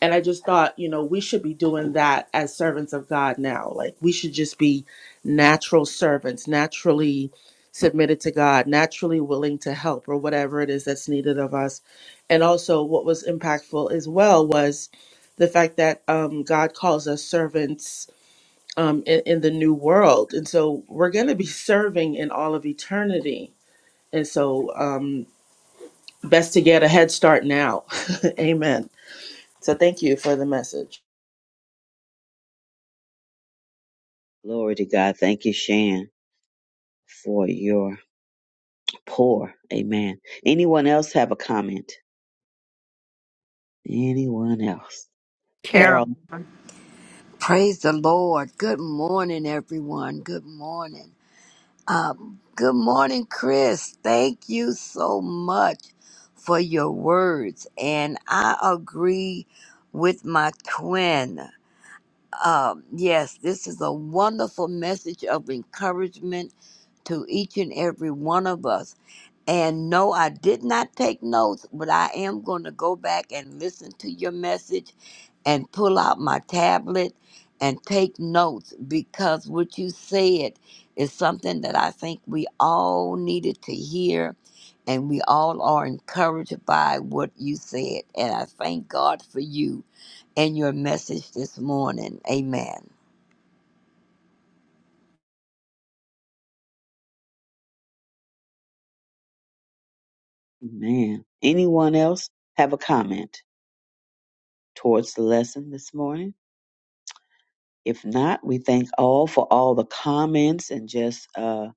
And I just thought, you know, we should be doing that as servants of God now. Like we should just be natural servants, naturally submitted to God, naturally willing to help or whatever it is that's needed of us. And also, what was impactful as well was the fact that um, God calls us servants um, in, in the new world. And so we're going to be [laughs] serving in all of eternity. And so, um, best to get a head start now. [laughs] Amen. So, thank you for the message.
Glory to God. Thank you, Shan. for your poor. Amen. Anyone else have a comment? Anyone else?
Karen,
Carol.
Carol.
Praise the Lord. Good morning, everyone. Good morning. Um, good morning, Chris. Thank you so much for your words. And I agree with my twin. Um, yes, this is a wonderful message of encouragement to each and every one of us. And no, I did not take notes, but I am going to go back and listen to your message and pull out my tablet and take notes because what you said is something that I think we all needed to hear and we all are encouraged by what you said. And I thank God for you and your message this morning. Amen.
Amen. Anyone else have a comment towards the lesson this morning? If not, we thank all for all the comments and just uh,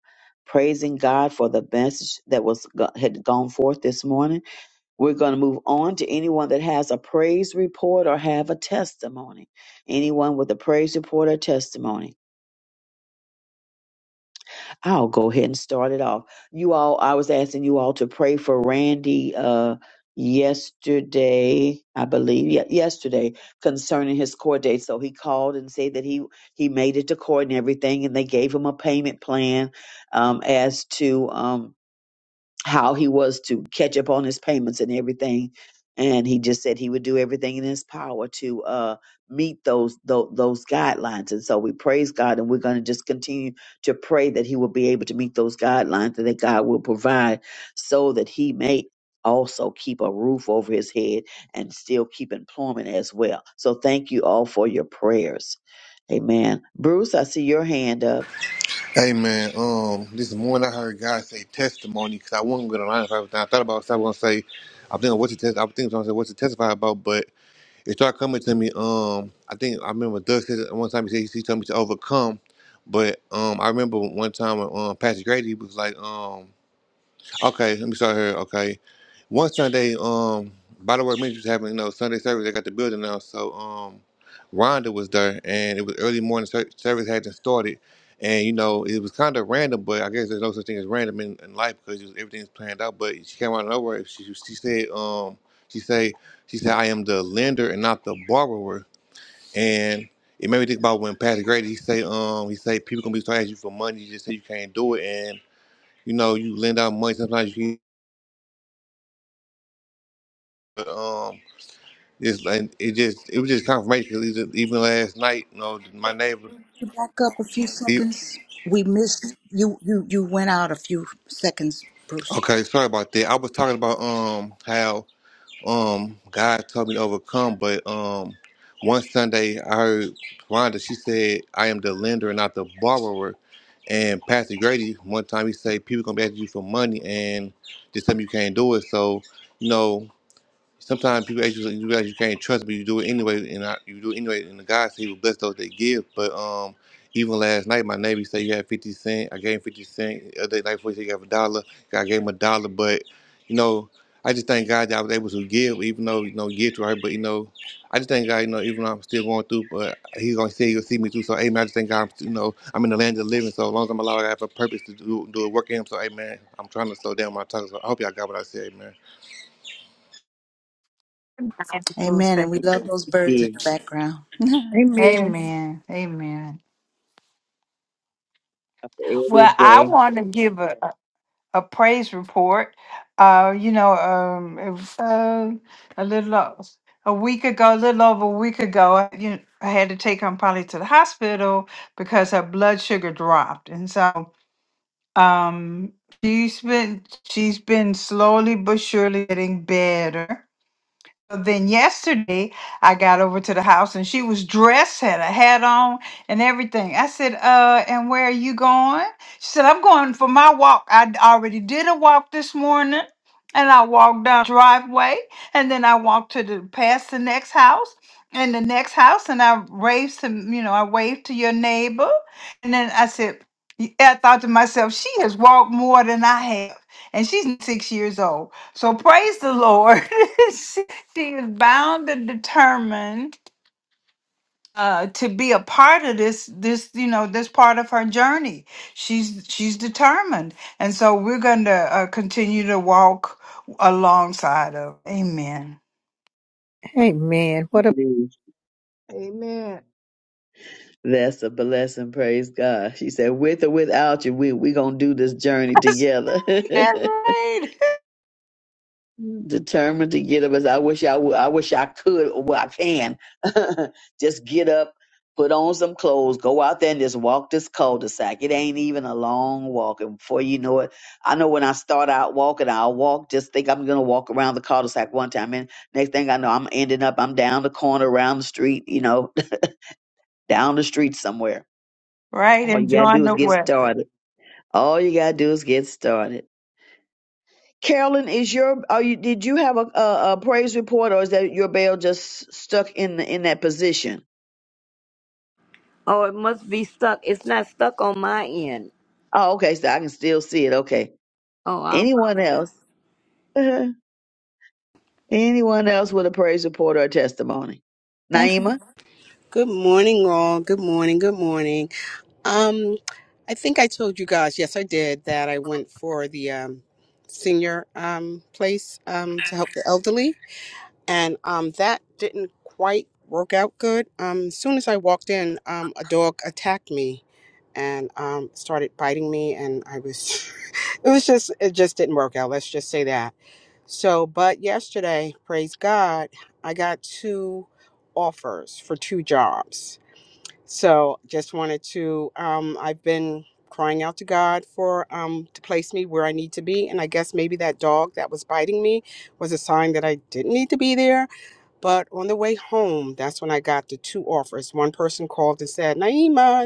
praising God for the message that was go- had gone forth this morning. We're going to move on to anyone that has a praise report or have a testimony. Anyone with a praise report or testimony. I'll go ahead and start it off. You all, I was asking you all to pray for Randy uh, yesterday, I believe, yeah, yesterday concerning his court date. So he called and said that he he made it to court and everything, and they gave him a payment plan um, as to. Um, how he was to catch up on his payments and everything. And he just said he would do everything in his power to uh, meet those, those those guidelines. And so we praise God, and we're going to just continue to pray that he will be able to meet those guidelines, and that God will provide so that he may also keep a roof over his head and still keep employment as well. So thank you all for your prayers. Amen. Bruce, I see your hand up.
Hey man, um, this morning I heard God say testimony because I wasn't gonna lie. If I, was- I thought about it, so I was gonna say, I think what's to test. I think I was gonna say what's to testify about, but it started coming to me. Um, I think I remember Doug said it one time he said he told me to overcome, but um, I remember one time when um Pastor Grady was like um. Okay, let me start here. Okay, one Sunday, um, by the way, ministry was having you know Sunday service. They got the building now, so um, Rhonda was there, and it was early morning. ser- Service hadn't started, and you know it was kind of random, but I guess there's no such thing as random in, in life because everything's planned out. But she came out of nowhere. She she said um she said she said I am the lender and not the borrower, and it made me think about when Pastor Grady he say um he say people gonna be starting asking you for money. You just say you can't do it, and you know you lend out money sometimes you. But, um, just like it just it was just confirmation. 'cause Even even last night, you know, my neighbor.
To back up a few
He,
seconds, we missed you. You you went out a few seconds, Bruce.
okay, sorry about that. I was talking about um how um God told me to overcome, but um one Sunday I heard Rhonda. She said, "I am the lender and not the borrower." And Pastor Grady, one time he said, "People gonna be asking you for money, and just tell me you can't do it." So, you know. Sometimes people ask you, you realize you can't trust, but you do it anyway, and I, you do it anyway. And the God said He will bless those that give. But um, even last night, my neighbor said you had fifty cent. I gave him fifty cent. The other night, before he said he gave a dollar. I gave him a dollar. But you know, I just thank God that I was able to give, even though you know get right. But you know, I just thank God, you know, even though I'm still going through, but He's gonna say He'll see me through. So, Amen. I just thank God, I'm, you know, I'm in the land of the living. So as long as I'm allowed, I have a purpose to do do a work in Him. So, Amen. I'm trying to slow down my tongue. So I hope y'all got what I said, Amen.
Amen. And we love those birds
Yeah.
in the background.
Amen,
Amen. Amen.
Every
Well, I
day.
want to give a, a praise report. Uh, you know, um, it was, uh, a little o- a week ago, a little over a week ago, I, you know, I had to take Aunt Polly to the hospital because her blood sugar dropped, and so um, she's been she's been slowly but surely getting better. then yesterday I got over to the house and she was dressed, had a hat on and everything. I said, uh, and where are you going? She said, I'm going for my walk. I d- already did a walk this morning and I walked down the driveway and then I walked to the past the next house and the next house and I waved to, you know, I waved to your neighbor. And then I said, y- I thought to myself, she has walked more than I have. And she's six years old. So praise the Lord. [laughs] she is bound and determined uh, to be a part of this this you know this part of her journey she's she's determined and so we're going to uh, continue to walk alongside of amen
Amen. What a
Amen.
That's a blessing. Praise God. She said, with or without you, we we gonna do this journey
[laughs] that's
together.
right, that's
[laughs]
right
Determined to get up. As I wish I would. I wish I could. Well, I can. [laughs] just get up, put on some clothes, go out there and just walk this cul-de-sac. It ain't even a long walk, and before you know it, I know when I start out walking, I'll walk. Just think I'm gonna walk around the cul-de-sac one time, and next thing I know, I'm ending up. I'm down the corner, around the street. You know, [laughs] down the street somewhere.
[laughs] right
All you gotta do
enjoying
is
the
get
weather
started. All you gotta do is get started. Carolyn, is your are you did you have a, a, a praise report or is that your bell just stuck in the, in that position?
Oh, it must be stuck. It's not stuck on my end.
Oh, okay, so I can still see it. Okay.
Oh, I
Anyone
apologize.
else? [laughs] Anyone else with a praise report or a testimony?
Thank you.
Naima?
Good morning, all. Good morning. Good morning. Um, I think I told you guys, yes, I did, that I went for the um, senior um, place um, to help the elderly, and um, that didn't quite work out good. Um, as soon as I walked in, um, a dog attacked me and um, started biting me, and I was, [laughs] it was just, it just didn't work out. Let's just say that. So, but yesterday, praise God, I got two offers for two jobs so just wanted to, um, I've been crying out to God for um, to place me where I need to be. And I guess maybe that dog that was biting me was a sign that I didn't need to be there. But on the way home, that's when I got the two offers. One person called and said, Naima,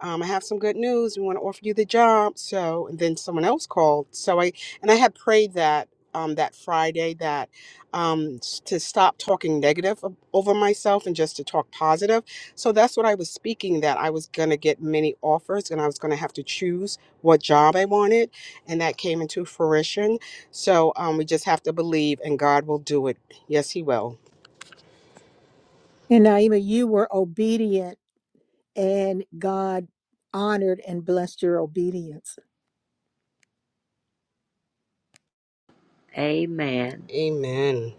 um, I have some good news. We want to offer you the job. So, and then someone else called. So I, and I had prayed that, um, that Friday that, um, s- to stop talking negative o- over myself and just to talk positive. So that's what I was speaking that I was going to get many offers and I was going to have to choose what job I wanted. And that came into fruition. So, um, we just have to believe and God will do it. Yes, he will.
and Naima, you were obedient and God honored and blessed your obedience.
Amen.
Amen.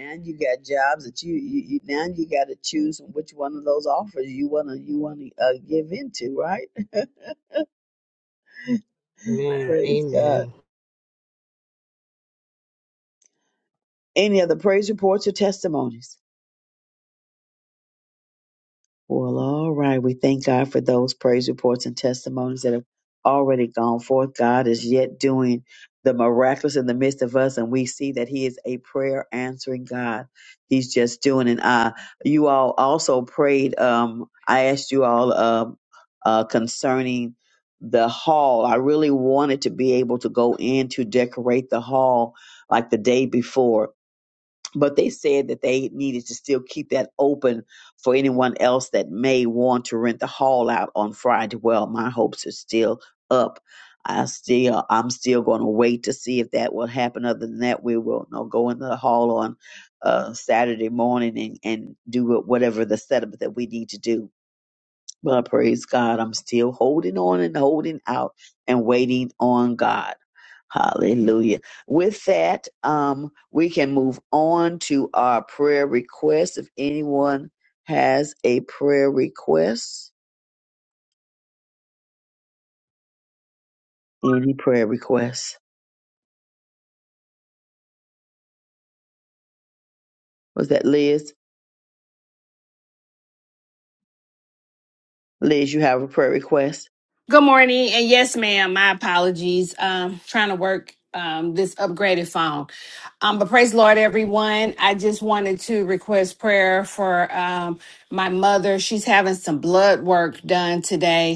Now you got jobs that you, you, you now you got to choose which one of those offers you wanna you wanna uh, give into, right? [laughs]
Amen.
Praise God.
Amen.
Any other praise reports or testimonies? Well, all right. We thank God for those praise reports and testimonies that have already gone forth. God is yet doing the miraculous in the midst of us, and we see that He is a prayer answering God. He's just doing it. Uh, you all also prayed. Um, I asked you all um uh, concerning the hall. I really wanted to be able to go in to decorate the hall like the day before but they said that they needed to still keep that open for anyone else that may want to rent the hall out on Friday. Well, my hopes are still up. I still, I'm still going to wait to see if that will happen. Other than that, we will you know, go into the hall on uh, Saturday morning and, and do what- whatever the setup that we need to do. But praise God, I'm still holding on and holding out and waiting on God. Hallelujah. With that, um, we can move on to our prayer requests. If anyone has a prayer request, any prayer request? Was that Liz? Liz, you have a prayer request?
Good morning, and yes, ma'am. My apologies. Um, trying to work um this upgraded phone. Um, but praise the Lord, everyone. I just wanted to request prayer for um my mother. She's having some blood work done today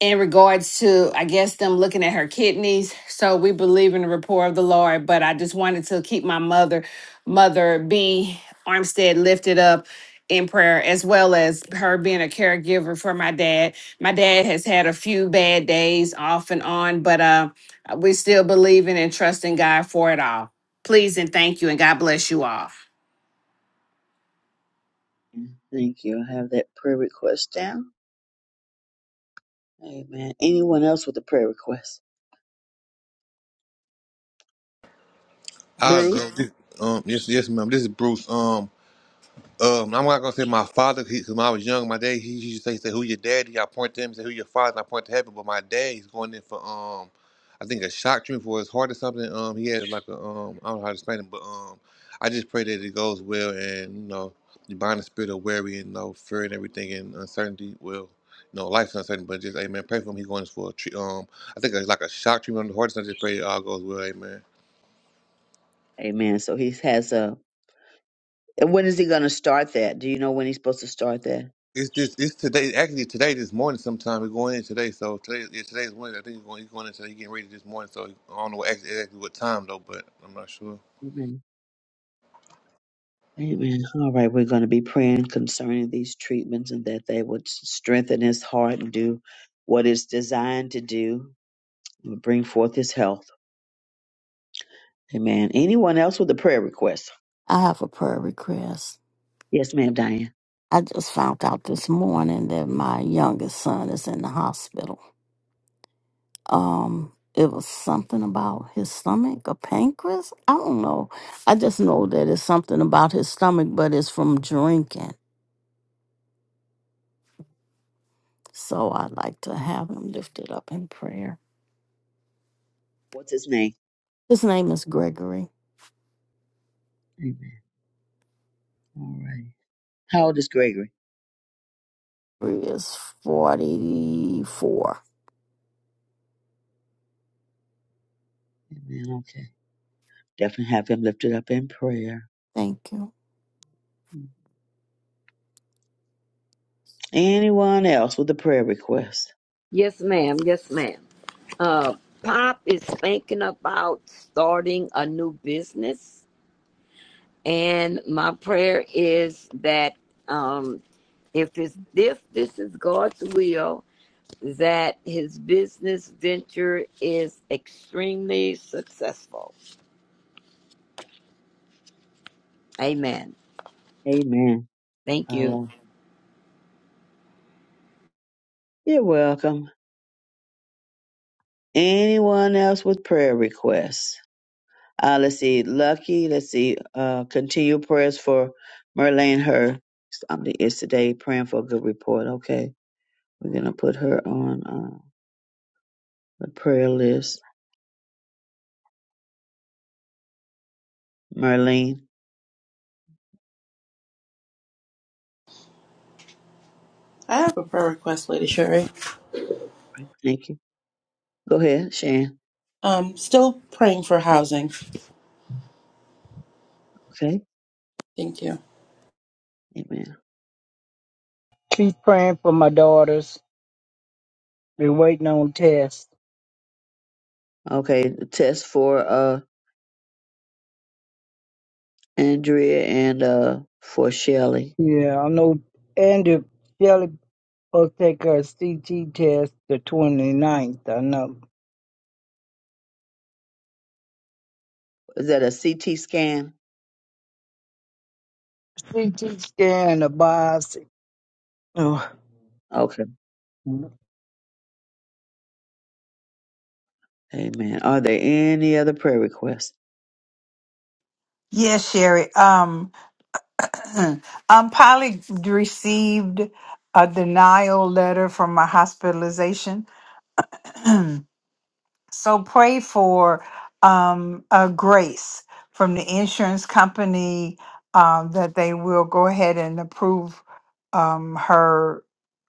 in regards to i guess them looking at her kidneys so we believe in the rapport of the lord but i just wanted to keep my mother mother b armstead lifted up in prayer as well as her being a caregiver for my dad my dad has had a few bad days off and on but uh we still believing and trusting god for it all please and thank you and god bless you all
Thank you. I have that prayer request down. Amen. Anyone else with a prayer request?
I'll
Bruce?
go. This, um, yes, yes, ma'am. This is Bruce. Um, um, I'm not gonna say my father because when I was young, my dad he used to say, say, "Who your daddy?" I point to him, say, "Who your father?" And I point to heaven, but my dad he's going in for um, I think a shock treatment for his heart or something. Um, he had like a um, I don't know how to explain it, but um, I just pray that it goes well and you know, you bind the spirit of worry and you know, fear and everything and uncertainty. Well, you know, life's uncertain, but just amen. Pray for him. He's going for a tre- um, I think it's like a shock treatment on the heart. So I just pray it all goes well, amen.
Amen. So he has a. and When is he going to start that? Do you know when he's supposed to start that?
It's just it's today. Actually, today this morning. Sometime we're going in today. So today, yeah, today's Wednesday. I think he's going. He's going in today. He's getting ready this morning. So I don't know what, exactly, exactly what time though, but I'm not sure.
Amen. All right, we're going to be praying concerning these treatments and that they would strengthen his heart and do what it's designed to do and bring forth his health. Amen. Anyone else with a prayer request?
I have a prayer request.
Yes, ma'am, Diane.
I just found out this morning that my youngest son is in the hospital. um it was something about his stomach a pancreas i don't know i just know that it's something about his stomach but it's from drinking so i'd like to have him lifted up in prayer
What's his name?
his name is gregory
Amen. All right. How old is Gregory?
he is 44
Amen. Okay. Definitely have him lifted up in prayer.
thank you
Anyone else with a prayer request?
Yes, ma'am. Yes, ma'am. Uh, Pop is thinking about starting a new business And my prayer is that um, if it's, if this is God's will, that his business venture is extremely successful. Amen.
Amen.
Thank
All
you.
right. You're welcome. Anyone else with prayer requests? Uh, let's see, Lucky. Let's see, uh, continue prayers for Merlane. Her something is today praying for a good report. Okay, we're gonna put her on uh, the prayer list. Merlane,
I have a prayer request, Lady Sherry.
thank you. Go ahead, Shan.
Um, still praying for housing.
Okay,
Thank you.
amen.
Keep praying for my daughters. They're waiting on tests.
Okay, the test for uh Andrea and uh for Shelley.
Yeah, I know Andrew Shelley will take her CT test the 29th. I know.
Is that a CT scan?
CT scan, a biopsy. Oh,
Okay, amen. Are there any other prayer requests?
yes sherry um [clears throat] um polly received a denial letter from my hospitalization So pray for um, a grace from the insurance company um, that they will go ahead and approve um, her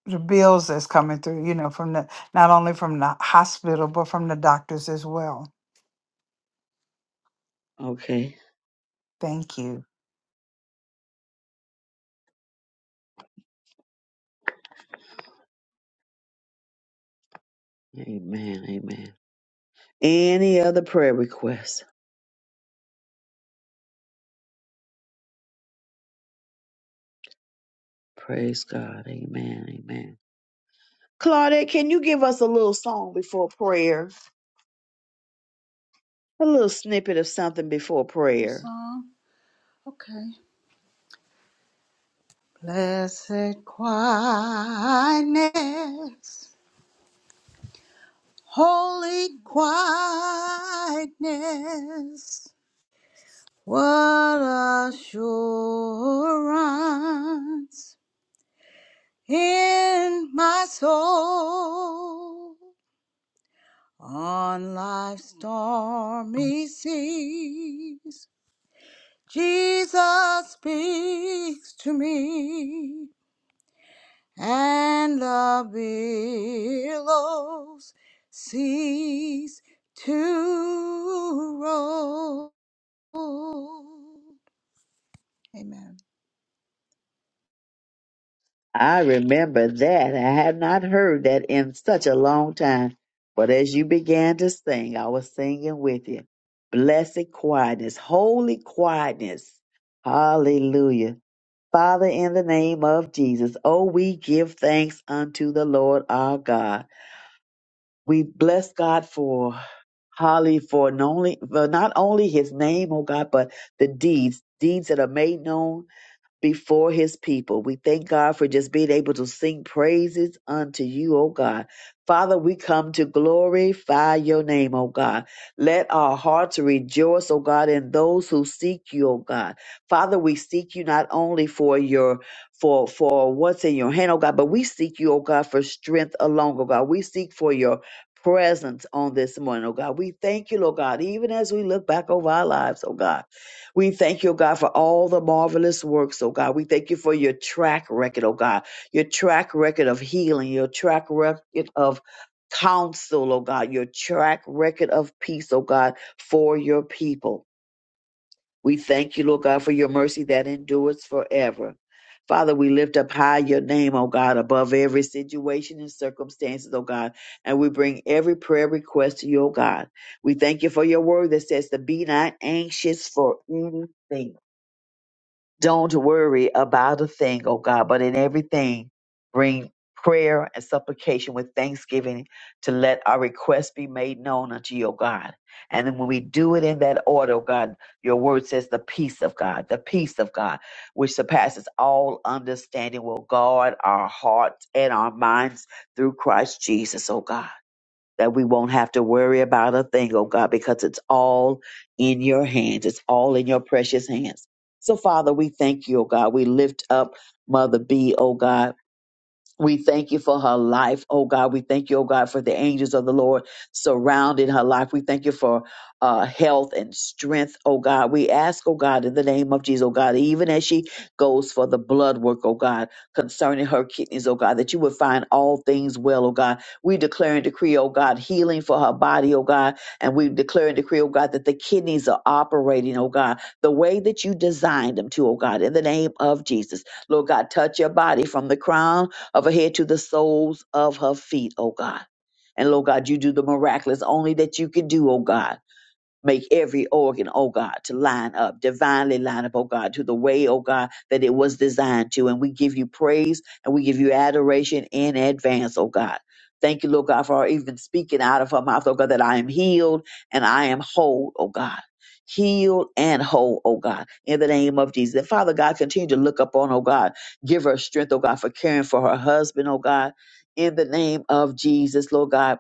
the bills that's coming through. You know, from the not only from the hospital but from the doctors as well.
Okay,
Thank you.
amen, amen. Any other prayer requests? Praise God. Amen. Amen. Claudette, can you give us a little song before prayer? A little snippet of something before
Little
prayer.
song. Okay. Blessed quietness, holy quietness. What assurance in my soul on life's stormy seas. Jesus speaks to me. and the billows cease to roll. Amen.
I remember that. I have not heard that in such a long time. But as you began to sing, I was singing with you. Blessed quietness, holy quietness. Hallelujah. Father, in the name of Jesus, oh, we give thanks unto the Lord our God We bless God for Holly for not only, for not only his name, oh God, but the deeds, deeds that are made known before his people. We thank God for just being able to sing praises unto you, O God. Father, we come to glorify your name, O God. Let our hearts rejoice, O God, in those who seek you, O God. Father, we seek you not only for your for for what's in your hand, O God, but we seek you, O God, for strength alone, O God. We seek for your presence on this morning, O God. We thank you, Lord God, even as we look back over our lives, O God. We thank you, oh God, for all the marvelous works, oh God. We thank you for your track record, oh God, your track record of healing, your track record of counsel, oh God, your track record of peace, oh God, for your people. We thank you, Lord God, for your mercy that endures forever. Father, we lift up high your name, oh God, above every situation and circumstances, oh God, and we bring every prayer request to you, oh God. We thank you for your word that says to be not anxious for anything don't worry about a thing, oh God, but in everything, bring prayer and supplication with thanksgiving to let our requests be made known unto you, O God. And then when we do it in that order, oh God, your word says the peace of God, the peace of God, which surpasses all understanding, will guard our hearts and our minds through Christ Jesus, oh God that we won't have to worry about a thing, oh God, because it's all in your hands. It's all in your precious hands. So, Father, we thank you, oh God. We lift up Mother B, oh God. We thank you for her life, oh God. We thank you, oh God, for the angels of the Lord surrounding her life. We thank you for uh, health and strength, oh God. We ask, oh God, in the name of Jesus, oh God, even as she goes for the blood work, oh God, concerning her kidneys, oh God, that you would find all things well, oh God. We declare and decree, oh God, healing for her body, oh God. And we declare and decree, oh God, that the kidneys are operating, oh God, the way that you designed them to, oh God, in the name of Jesus. Lord God, touch your body from the crown of her head to the soles of her feet, oh God. And Lord God, you do the miraculous only that you can do, oh God. Make every organ, oh God, to line up, divinely line up, oh God, to the way, oh God, that it was designed to. And we give you praise and we give you adoration in advance, oh God. Thank you, Lord God, for her even speaking out of her mouth, oh God, that I am healed and I am whole, oh God. Healed and whole, oh God, in the name of Jesus. And Father God, continue to look upon, oh God, give her strength, oh God, for caring for her husband, oh God, in the name of Jesus, Lord God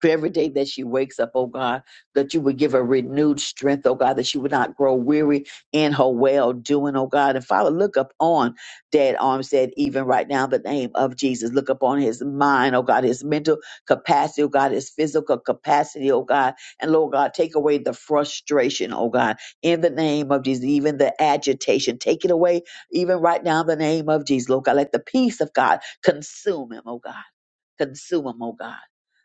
for every day that she wakes up, oh God, that you would give her renewed strength, oh God, that she would not grow weary in her well doing, oh God. And Father, look up on Dad Arm said, even right now, the name of Jesus. Look up on his mind, oh God, his mental capacity, oh God, his physical capacity, oh God. And Lord God, take away the frustration, oh God, in the name of Jesus, even the agitation. Take it away, even right now, in the name of Jesus, Lord God. Let the peace of God consume him, oh God. Consume him, oh God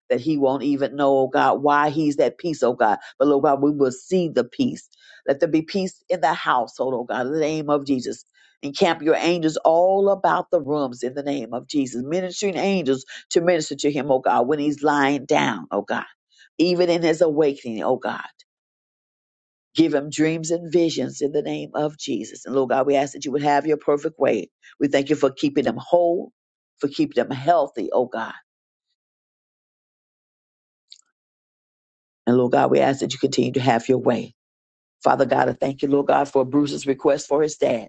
that he won't even know, oh God, why he's at peace, oh God. But Lord God, we will see the peace. Let there be peace in the household, oh God, in the name of Jesus. Encamp your angels all about the rooms in the name of Jesus. Ministering angels to minister to him, oh God, when he's lying down, oh God, even in his awakening, oh God. Give him dreams and visions in the name of Jesus. And Lord God, we ask that you would have your perfect way. We thank you for keeping him whole, for keeping him healthy, oh God. And Lord God, we ask that you continue to have your way. Father God, I thank you, Lord God, for Bruce's request for his dad.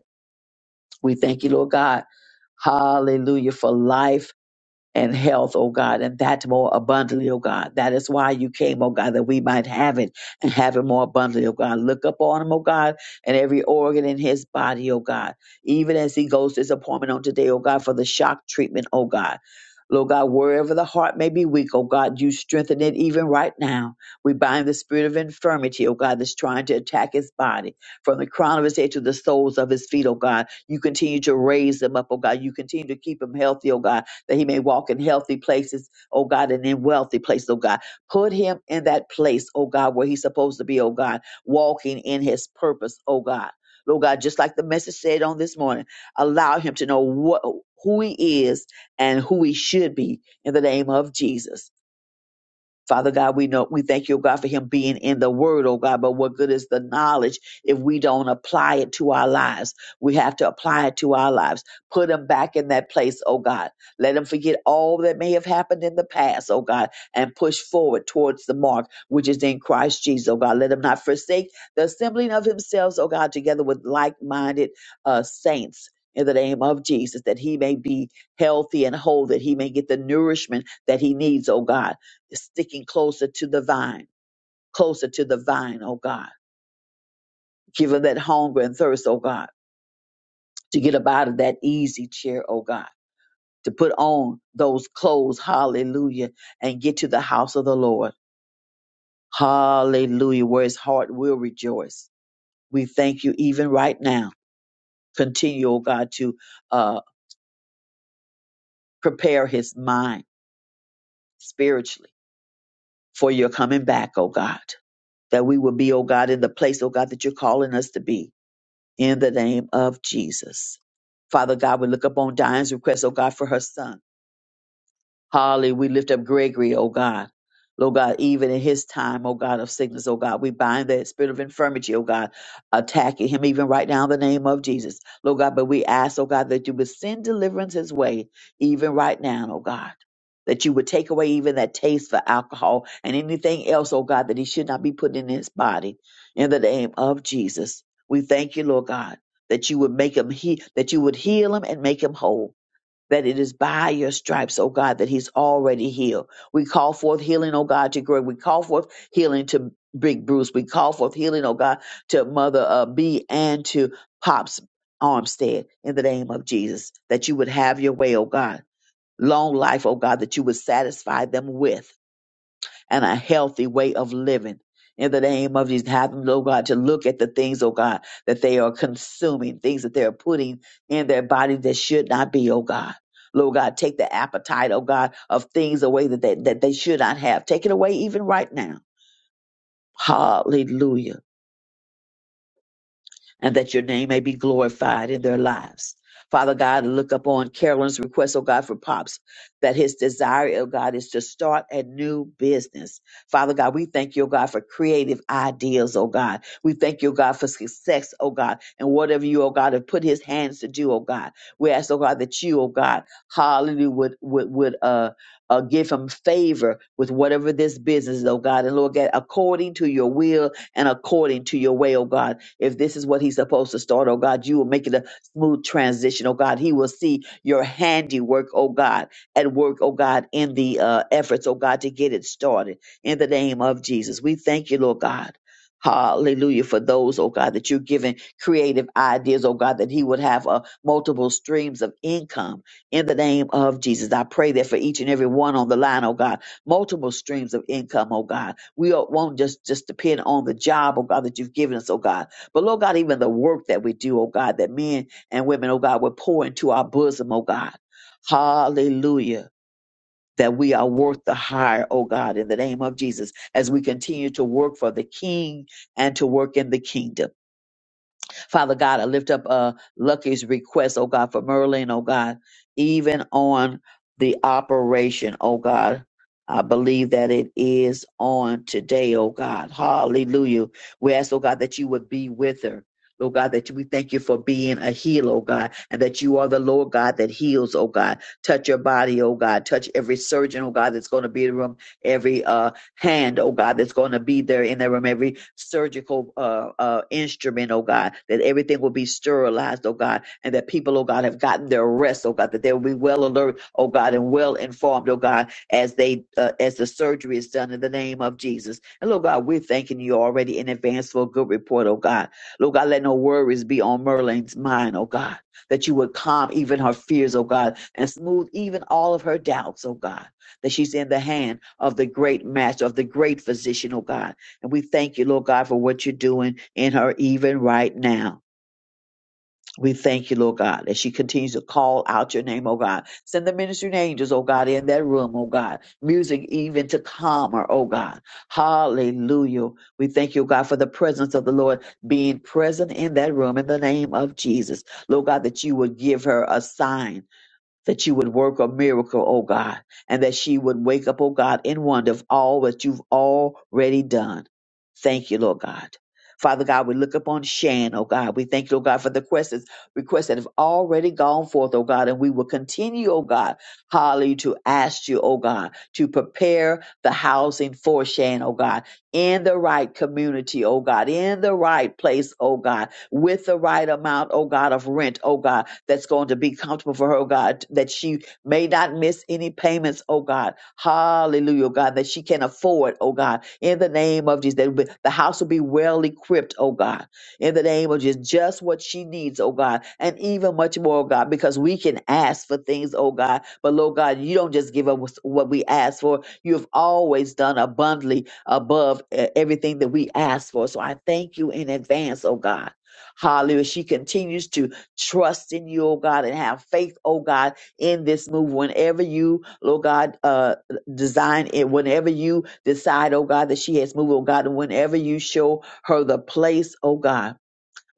We thank you, Lord God. Hallelujah for life and health, oh God, and that more abundantly, oh God. That is why you came, oh God, that we might have it and have it more abundantly, oh God. Look up on him, oh God, and every organ in his body, oh God. Even as he goes to his appointment on today, oh God, for the shock treatment, oh God. Lord God, wherever the heart may be weak, oh God, you strengthen it even right now. We bind the spirit of infirmity, oh God, that's trying to attack his body from the crown of his head to the soles of his feet, oh God. You continue to raise him up, oh God. You continue to keep him healthy, oh God that he may walk in healthy places, oh God, and in wealthy places, oh God. Put him in that place, oh God, where he's supposed to be, oh God, walking in his purpose, oh God. Lord God, just like the message said on this morning, allow him to know what who he is and who he should be in the name of Jesus. Father God, we know we thank you, oh God, for him being in the word, oh God. But what good is the knowledge if we don't apply it to our lives? We have to apply it to our lives. Put him back in that place, oh God. Let him forget all that may have happened in the past, oh God, and push forward towards the mark which is in Christ Jesus, oh God. Let him not forsake the assembling of themselves, oh God, together with like-minded uh, saints. In the name of Jesus, that he may be healthy and whole, that he may get the nourishment that he needs, oh God sticking closer to the vine, closer to the vine, oh God. Give her that hunger and thirst, oh God, to get up out of that easy chair, oh God, to put on those clothes, hallelujah, and get to the house of the Lord, hallelujah, where his heart will rejoice. We thank you even right now. Continue, oh God, to uh, prepare his mind spiritually for your coming back, oh God, that we will be, oh God, in the place, oh God, that you're calling us to be in the name of Jesus. Father God, we look upon Diane's request, oh God, for her son. Holly, we lift up Gregory, oh God. Lord God, even in his time, oh God, of sickness, oh God, we bind that spirit of infirmity, oh God, attacking him even right now in the name of Jesus. Lord God, but we ask, oh God, that you would send deliverance his way even right now, oh God. That you would take away even that taste for alcohol and anything else, oh God, that he should not be putting in his body in the name of Jesus. We thank you, Lord God, that you would make him he that you would heal him and make him whole that it is by your stripes, oh God, that he's already healed. We call forth healing, oh God, to Greg. We call forth healing to Big Bruce. We call forth healing, oh God, to Mother uh, B and to Pops Armstead in the name of Jesus, that you would have your way, oh God. Long life, oh God, that you would satisfy them with and a healthy way of living. In the name of Jesus, have them, oh God, to look at the things, oh God, that they are consuming, things that they are putting in their body that should not be, oh God. Lord God, take the appetite, oh God, of things away that they, that they should not have. Take it away even right now. Hallelujah. and that your name may be glorified in their lives. Father God, look upon Carolyn's request, oh God, for Pops, that his desire, oh God, is to start a new business. Father God, we thank you, oh God, for creative ideas, oh God. We thank you, oh God, for success, oh God, and whatever you, oh God, have put his hands to do, oh God. We ask, oh God, that you, oh God, hallelujah, would, would, would, uh, uh, give him favor with whatever this business is, oh God. And Lord God, according to your will and according to your way, oh God. If this is what he's supposed to start, oh God, you will make it a smooth transition, oh God. He will see your handiwork, oh God, at work, oh God, in the uh, efforts, oh God, to get it started. In the name of Jesus, we thank you, Lord God. Hallelujah for those, oh God, that you're giving creative ideas, oh God, that he would have uh, multiple streams of income in the name of Jesus. I pray that for each and every one on the line, oh God, multiple streams of income, oh God. We don't- won't just, just depend on the job, oh God, that you've given us, oh God but Lord God, even the work that we do, oh God, that men and women, oh God, will pour into our bosom, oh God. Hallelujah. That we are worth the hire, oh God, in the name of Jesus, as we continue to work for the King and to work in the kingdom. Father God, I lift up uh, Lucky's request, oh God, for Merlin, oh God, even on the operation, oh God. I believe that it is on today, oh God. Hallelujah. We ask, oh God, that you would be with her. Lord God, that we thank you for being a healer, oh God, and that you are the Lord God that heals, oh God. Touch your body, oh God. Touch every surgeon, oh God, that's going to be in the room, every uh, hand, oh God, that's going to be there in their room, every surgical uh, uh, instrument, oh God, that everything will be sterilized, oh God, and that people, oh God, have gotten their rest, oh God, that they will be well alert, oh God, and well informed, oh God, as they uh, as the surgery is done in the name of Jesus. And Lord God, we're thanking you already in advance for a good report, oh God. Lord God, let no worries be on Merlin's mind, oh God, that you would calm even her fears, oh God, and smooth even all of her doubts, oh God that she's in the hand of the great master, of the great physician, oh God. And we thank you, Lord God, for what you're doing in her even right now. We thank you, Lord God, as she continues to call out your name, oh God. Send the ministering angels, oh God, in that room, oh God. Music even to calm her, oh God. Hallelujah. We thank you, oh God, for the presence of the Lord being present in that room in the name of Jesus. Lord God, that you would give her a sign that you would work a miracle, oh God, and that she would wake up, oh God, in wonder of all that you've already done. Thank you, Lord God. Father God, we look upon Shan, oh God. We thank you, oh God, for the requests, requests that have already gone forth, oh God, and we will continue, oh God, hallelujah, to ask you, oh God, to prepare the housing for Shan, oh God, in the right community, oh God, in the right place, oh God, with the right amount, oh God, of rent, oh God, that's going to be comfortable for her, oh God, that she may not miss any payments, oh God. Hallelujah, oh God, that she can afford, oh God, in the name of Jesus, that the house will be well equipped, oh God, in the name of Jesus, just what she needs, oh God, and even much more, oh God, because we can ask for things, oh God, but Lord God, you don't just give us what we ask for. You have always done abundantly above eh, everything that we ask for. So I thank you in advance, oh God. Hallelujah. She continues to trust in you, oh God, and have faith, oh God, in this move. Whenever you, Lord God, uh, design it, whenever you decide, oh God, that she has moved, oh God, and whenever you show her the place, oh God.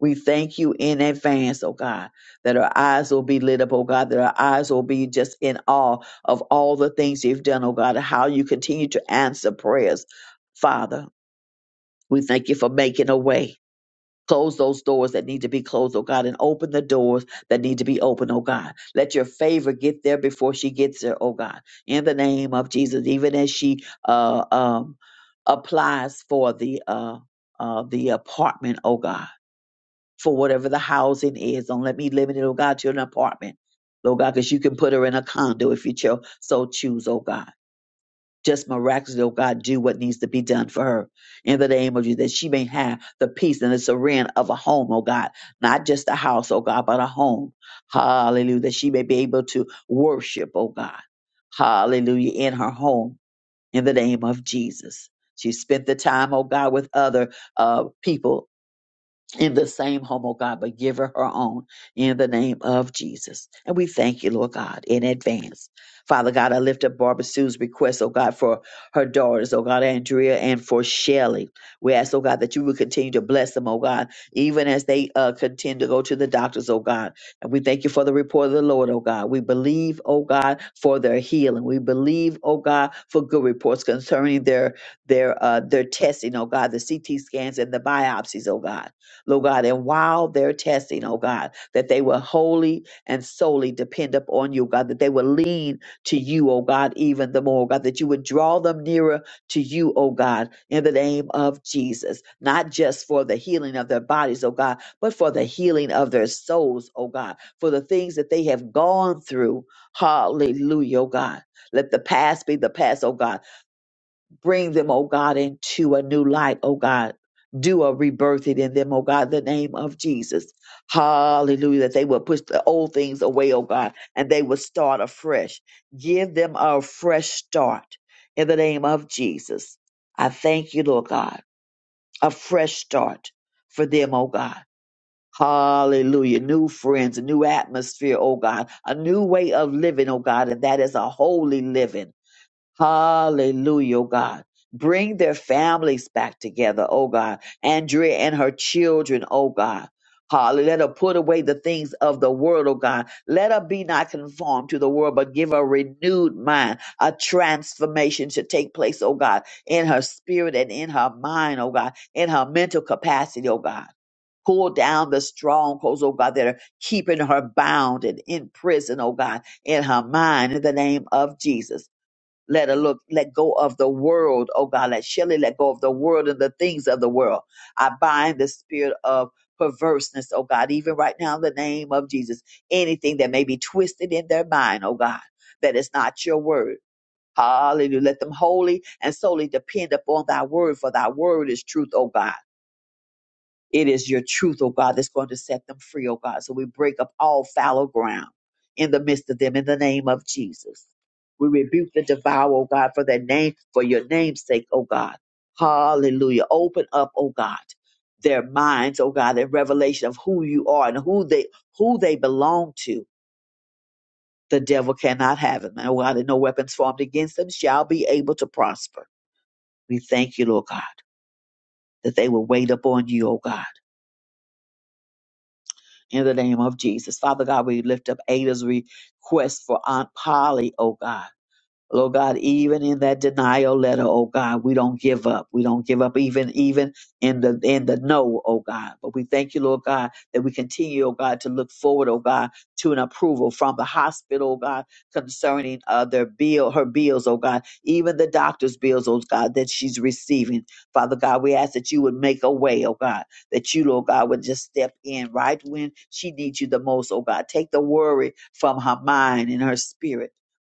We thank you in advance, oh God, that our eyes will be lit up, oh God, that our eyes will be just in awe of all the things you've done, oh God, and how you continue to answer prayers, Father. We thank you for making a way. Close those doors that need to be closed, oh God, and open the doors that need to be open, oh God. Let your favor get there before she gets there, oh God. In the name of Jesus, even as she uh, um, applies for the uh, uh, the apartment, oh God, for whatever the housing is, don't let me limit it, oh God, to an apartment, oh God, because you can put her in a condo if you cho- so choose, oh God. Just miraculously, oh God, do what needs to be done for her in the name of Jesus, that she may have the peace and the serenity of a home, oh God, not just a house, oh God, but a home. Hallelujah. That she may be able to worship, oh God. Hallelujah. In her home in the name of Jesus. She spent the time, oh God, with other uh, people in the same home, oh God, but give her her own in the name of Jesus. And we thank you, Lord God, in advance. Father God, I lift up Barbara Sue's request, oh God, for her daughters, oh God, Andrea, and for Shelly. We ask, oh God, that you would continue to bless them, oh God, even as they uh, continue to go to the doctors, oh God. And we thank you for the report of the Lord, oh God. We believe, oh God, for their healing. We believe, oh God, for good reports concerning their their uh, their testing, oh God, the CT scans and the biopsies, oh God. Lord God. And while they're testing, oh God, that they will wholly and solely depend upon you, God, that they will lean to you, oh God, even the more, God, that you would draw them nearer to you, oh God, in the name of Jesus, not just for the healing of their bodies, oh God, but for the healing of their souls, oh God, for the things that they have gone through. Hallelujah, oh God. Let the past be the past, oh God Bring them, oh God, into a new light, oh God. Do a rebirthing in them, oh God, in the name of Jesus. Hallelujah. That they will push the old things away, oh God, and they will start afresh. Give them a fresh start in the name of Jesus. I thank you, Lord God. A fresh start for them, oh God. Hallelujah. New friends, a new atmosphere, oh God, a new way of living, oh God, and that is a holy living. Hallelujah, oh God. Bring their families back together, oh God. Andrea and her children, oh God. Hallelujah. Let her put away the things of the world, oh God. Let her be not conformed to the world, but give her a renewed mind, a transformation to take place, oh God, in her spirit and in her mind, oh God, in her mental capacity, oh God. Pull down the strongholds, oh God, that are keeping her bound and in prison, oh God, in her mind, in the name of Jesus let her look, let go of the world, oh God. Let Shelley let go of the world and the things of the world. I bind the spirit of perverseness, oh God, even right now in the name of Jesus. Anything that may be twisted in their mind, oh God, that is not your word. Hallelujah. Let them wholly and solely depend upon thy word, for thy word is truth, oh God. It is your truth, oh God, that's going to set them free, oh God. So we break up all fallow ground in the midst of them in the name of Jesus. We rebuke the devour, oh God, for their name, for your name's sake, oh God. Hallelujah. Open up, oh God, their minds, oh God, in revelation of who you are and who they who they belong to. The devil cannot have them. And oh God, and no weapons formed against them shall be able to prosper. We thank you, Lord God, that they will wait upon you, oh God in the name of Jesus. Father God, we lift up Ada's request for Aunt Polly, oh God. Lord God, even in that denial letter, oh God, we don't give up. We don't give up even even in the in the no, oh God. But we thank you, Lord God, that we continue, oh God, to look forward, oh God, to an approval from the hospital, oh God, concerning uh, their bill, her bills, oh God, even the doctor's bills, oh God, that she's receiving. Father God, we ask that you would make a way, oh God, that you, Lord God, would just step in right when she needs you the most, oh God. Take the worry from her mind and her spirit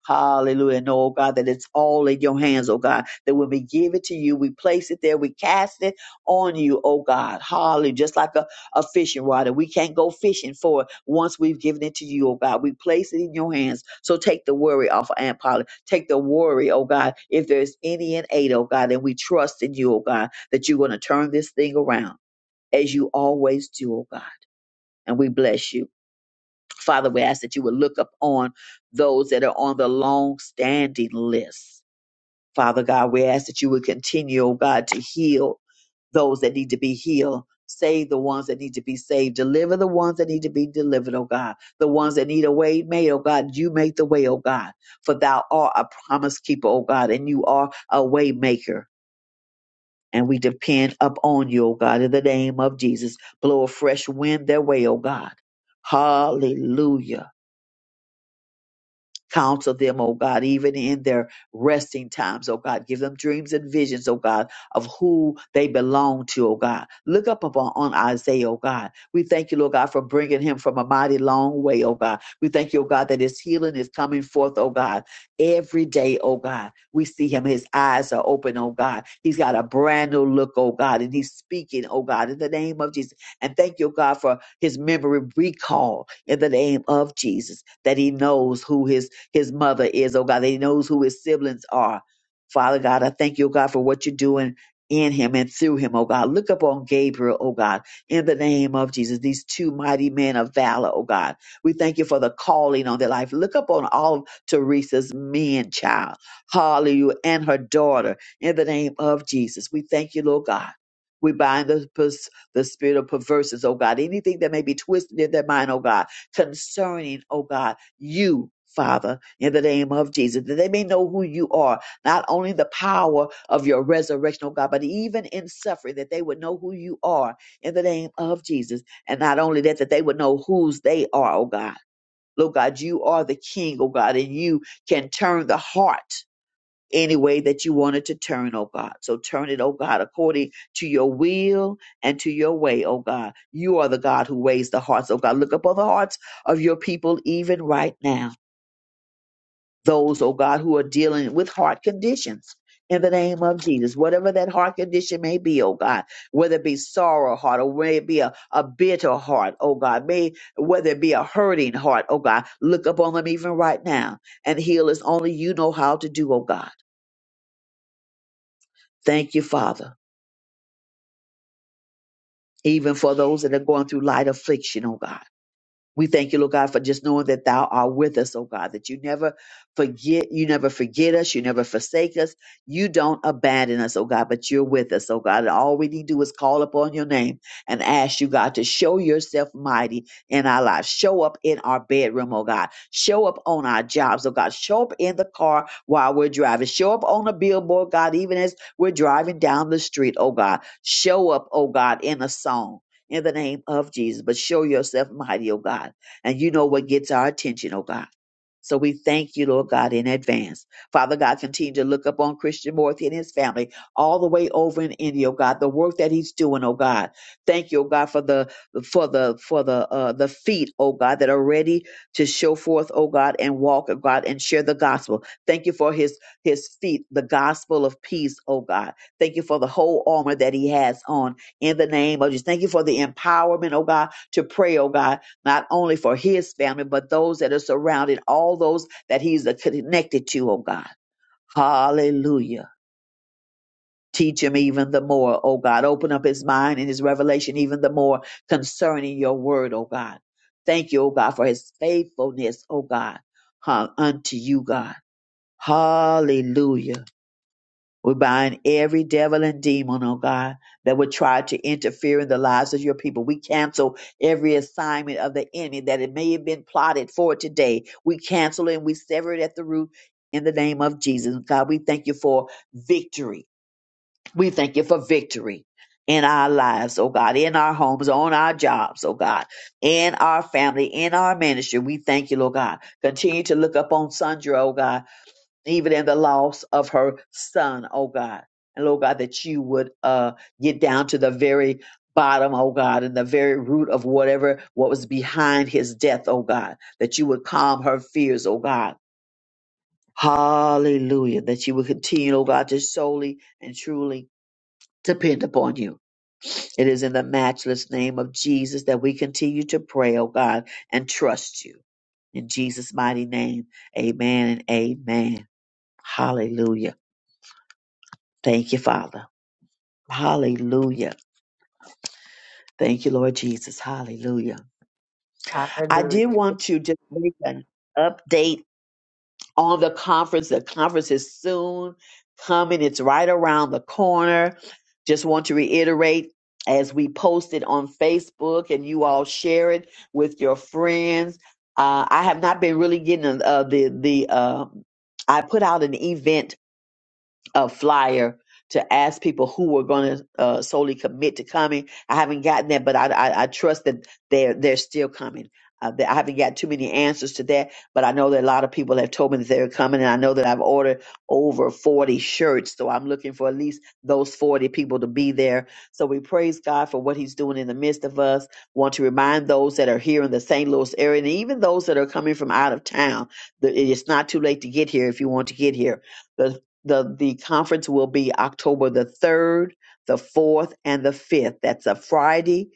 Hallelujah. Know, oh God, that it's all in your hands, oh God. That when we give it to you, we place it there, we cast it on you, oh God. Hallelujah. Just like a, a fishing rod. And we can't go fishing for it once we've given it to you, oh God. We place it in your hands. So take the worry off of Aunt Polly. Take the worry, oh God. If there's any in aid, oh God, then we trust in you, oh God, that you're going to turn this thing around as you always do, oh God. And we bless you. Father, we ask that you would look up on those that are on the long standing list. Father God, we ask that you would continue, oh God, to heal those that need to be healed. Save the ones that need to be saved. Deliver the ones that need to be delivered, oh God. The ones that need a way made, oh God. You make the way, oh God. For thou art a promise keeper, oh God, and you are a way maker. And we depend upon you, oh God, in the name of Jesus. Blow a fresh wind their way, oh God. Hallelujah. Counsel them, oh God, even in their resting times, oh God. Give them dreams and visions, oh God, of who they belong to, oh God. Look up upon on Isaiah, oh God. We thank you, Lord God, for bringing him from a mighty long way, oh God. We thank you, oh God, that his healing is coming forth, oh God, every day, oh God. We see him, his eyes are open, oh God. He's got a brand new look, oh God, and he's speaking, oh God, in the name of Jesus. And thank you, God, for his memory recall in the name of Jesus, that he knows who his his mother is, oh God, that he knows who his siblings are. Father God, I thank you, oh God, for what you're doing in him and through him, oh God. Look up on Gabriel, oh God, in the name of Jesus, these two mighty men of valor, oh God. We thank you for the calling on their life. Look up on all of Teresa's men, child, hallelujah, and her daughter, in the name of Jesus. We thank you, Lord God. We bind the, pers- the spirit of perverseness, oh God. Anything that may be twisted in their mind, oh God, concerning, oh God you, Father, in the name of Jesus, that they may know who you are, not only the power of your resurrection, oh God, but even in suffering, that they would know who you are in the name of Jesus. And not only that, that they would know whose they are, oh God. Lord God, you are the King, oh God, and you can turn the heart any way that you want it to turn, oh God. So turn it, oh God, according to your will and to your way, oh God. You are the God who weighs the hearts, oh God. Look upon the hearts of your people even right now those, oh God, who are dealing with heart conditions. In the name of Jesus, whatever that heart condition may be, oh God, whether it be sorrow heart or whether it be a, a bitter heart, oh God, may whether it be a hurting heart, oh God, look upon them even right now and heal as only you know how to do, oh God. Thank you, Father, even for those that are going through light affliction, oh God. We thank you, Lord God, for just knowing that thou art with us, oh God, that you never forget, you never forget us, you never forsake us, you don't abandon us, oh God, but you're with us, oh God. And all we need to do is call upon your name and ask you, God, to show yourself mighty in our lives. Show up in our bedroom, oh God. Show up on our jobs, oh God. Show up in the car while we're driving. Show up on a billboard, God, even as we're driving down the street, oh God. Show up, oh God, in a song in the name of Jesus. But show yourself mighty, oh God. And you know what gets our attention, oh God. So we thank you, Lord God, in advance. Father God, continue to look upon Christian Morthy and his family all the way over in India, oh God, the work that he's doing, oh God. Thank you, oh God, for the for the for the uh the feet, oh God, that are ready to show forth, oh God, and walk, oh God, and share the gospel. Thank you for his his feet, the gospel of peace, oh God. Thank you for the whole armor that he has on in the name of Jesus. Thank you for the empowerment, oh God, to pray, oh God, not only for his family, but those that are surrounded, all those that he's connected to, oh God. Hallelujah. Teach him even the more, oh God. Open up his mind and his revelation even the more concerning your word, oh God. Thank you, oh God, for his faithfulness, oh God, huh, unto you, God. Hallelujah. We bind every devil and demon, oh God, that would try to interfere in the lives of your people. We cancel every assignment of the enemy that it may have been plotted for today. We cancel it and we sever it at the root in the name of Jesus. God, we thank you for victory. We thank you for victory in our lives, oh God, in our homes, on our jobs, oh God, in our family, in our ministry. We thank you, Lord God. Continue to look up on Sandra, oh God even in the loss of her son, oh God. And Lord God, that you would uh, get down to the very bottom, oh God, and the very root of whatever what was behind his death, oh God, that you would calm her fears, oh God. Hallelujah. That you would continue, oh God, to solely and truly depend upon you. It is in the matchless name of Jesus that we continue to pray, oh God, and trust you. In Jesus' mighty name, amen and amen. Hallelujah. Thank you, Father. Hallelujah. Thank you, Lord Jesus. Hallelujah. I did
Hallelujah.
want to just make an update on the conference. The conference is soon coming, it's right around the corner. Just want to reiterate as we post it on Facebook and you all share it with your friends. Uh, I have not been really getting uh, the, the, uh, I put out an event a flyer to ask people who were going to uh, solely commit to coming. I haven't gotten that, but I, I, I trust that they're they're still coming. Uh, that- I haven't got too many answers to that, but I know that a lot of people have told me that they're coming, and I know that I've ordered over 40 shirts, so I'm looking for at least those 40 people to be there. So we praise God for what He's doing in the midst of us. Want to remind those that are here in the St. Louis area, and even those that are coming from out of town, that it's not too late to get here if you want to get here the, the conference will be October the 3rd, the 4th, and the 5th. That's a Friday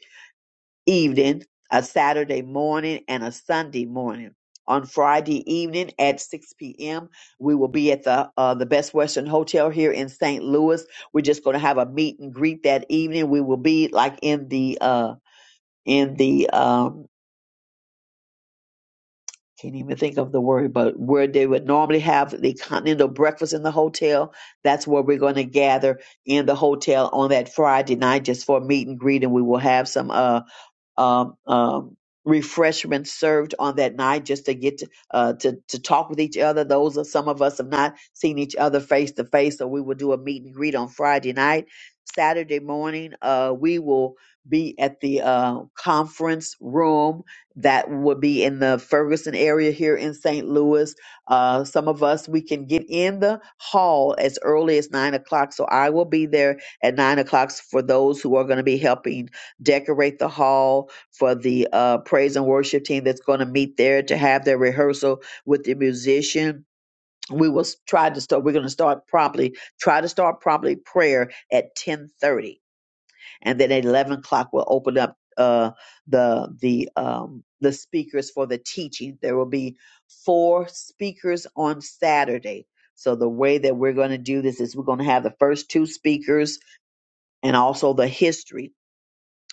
evening, a Saturday morning, and a Sunday morning. On Friday evening at 6 p.m., we will be at the uh, the Best Western Hotel here in St. Louis. We're just going to have a meet and greet that evening. We will be like in the uh, in the um, can't even think of the word, but where they would normally have the continental breakfast in the hotel. That's where we're going to gather in the hotel on that Friday night just for a meet and greet, and we will have some. uh um, um, refreshments served on that night just to get to, uh, to to talk with each other. Those are some of us have not seen each other face to face, so we will do a meet and greet on Friday night. Saturday morning, uh, we will be at the uh, conference room that will be in the Ferguson area here in St. Louis. Uh, some of us we can get in the hall as early as nine o'clock, so I will be there at nine o'clock for those who are going to be helping decorate the hall for the uh, praise and worship team that's going to meet there to have their rehearsal with the musician. We will s- try to start. We're going to start promptly. Try to start promptly prayer at ten thirty, and then at eleven o'clock we'll open up uh, the the um, the speakers for the teaching. There will be four speakers on Saturday. So the way that we're going to do this is we're going to have the first two speakers and also the history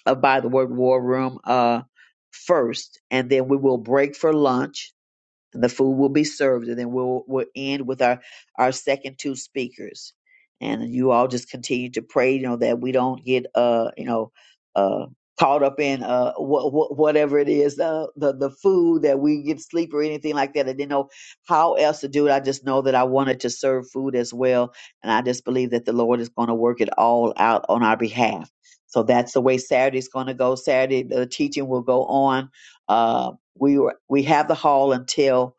uh, by the word war room uh, first, and then we will break for lunch the food will be served, and then we'll we'll end with our our second two speakers, and you all just continue to pray, you know, that we don't get uh you know uh caught up in uh what whatever it is uh, the the food that we get sleep or anything like that. I didn't know how else to do it. I just know that I wanted to serve food as well, and I just believe that the Lord is going to work it all out on our behalf. So that's the way Saturday's going to go. Saturday the teaching will go on. uh, we were we have the hall until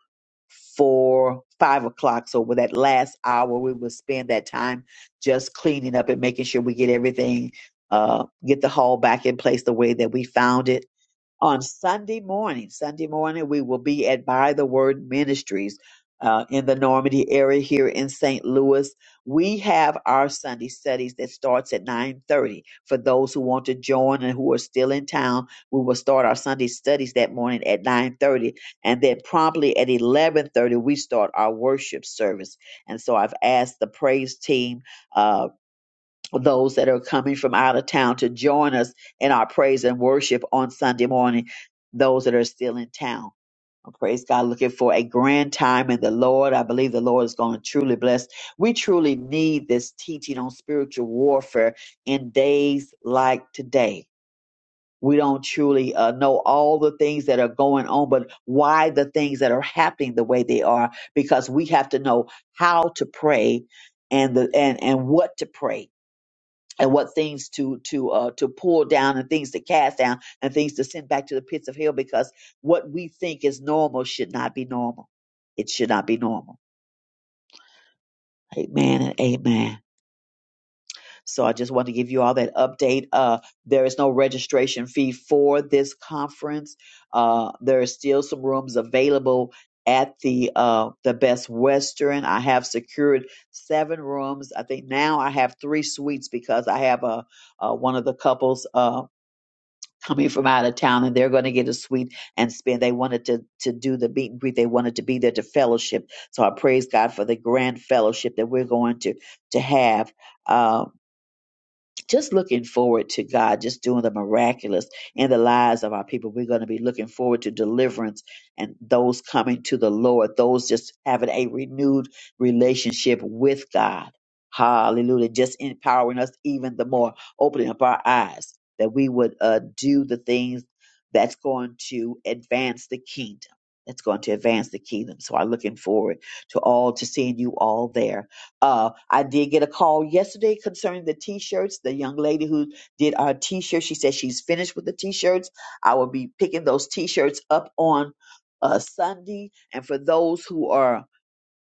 four five o'clock so with that last hour we will spend that time just cleaning up and making sure we get everything uh get the hall back in place the way that we found it on Sunday morning. Sunday morning, we will be at By the Word Ministries uh, in the Normandy area here in St. Louis. We have our Sunday studies that starts at 9.30. For those who want to join and who are still in town, we will start our Sunday studies that morning at 9.30. And then promptly at 11.30, we start our worship service. And so I've asked the praise team uh, those that are coming from out of town to join us in our praise and worship on Sunday morning, those that are still in town. Oh, Praise God, looking for a grand time in the Lord. I believe the Lord is going to truly bless. We truly need this teaching on spiritual warfare in days like today. We don't truly uh, know all the things that are going on, but why the things that are happening the way they are, because we have to know how to pray and the and and what to pray and what things to to uh to pull down and things to cast down and things to send back to the pits of hell because what we think is normal should not be normal it should not be normal amen and amen so i just want to give you all that update uh there is no registration fee for this conference uh there are still some rooms available at the uh the best western i have secured seven rooms i think now i have three suites because i have a uh, one of the couples Uh, coming from out of town and they're going to get a suite and spend. They wanted to, to do the meet and greet. They wanted to be there to fellowship. So I praise God for the grand fellowship that we're going to, to have. Um, just looking forward to God just doing the miraculous in the lives of our people. We're going to be looking forward to deliverance and those coming to the Lord, those just having a renewed relationship with God. Hallelujah. Just empowering us even the more, opening up our eyes that we would uh, do the things that's going to advance the kingdom. That's going to advance the kingdom. So I'm looking forward to all to seeing you all there uh, I did get a call yesterday concerning the t-shirts. The young lady who did our t-shirt, she said she's finished with the t-shirts. I will be picking those t-shirts up on uh, Sunday. And for those who are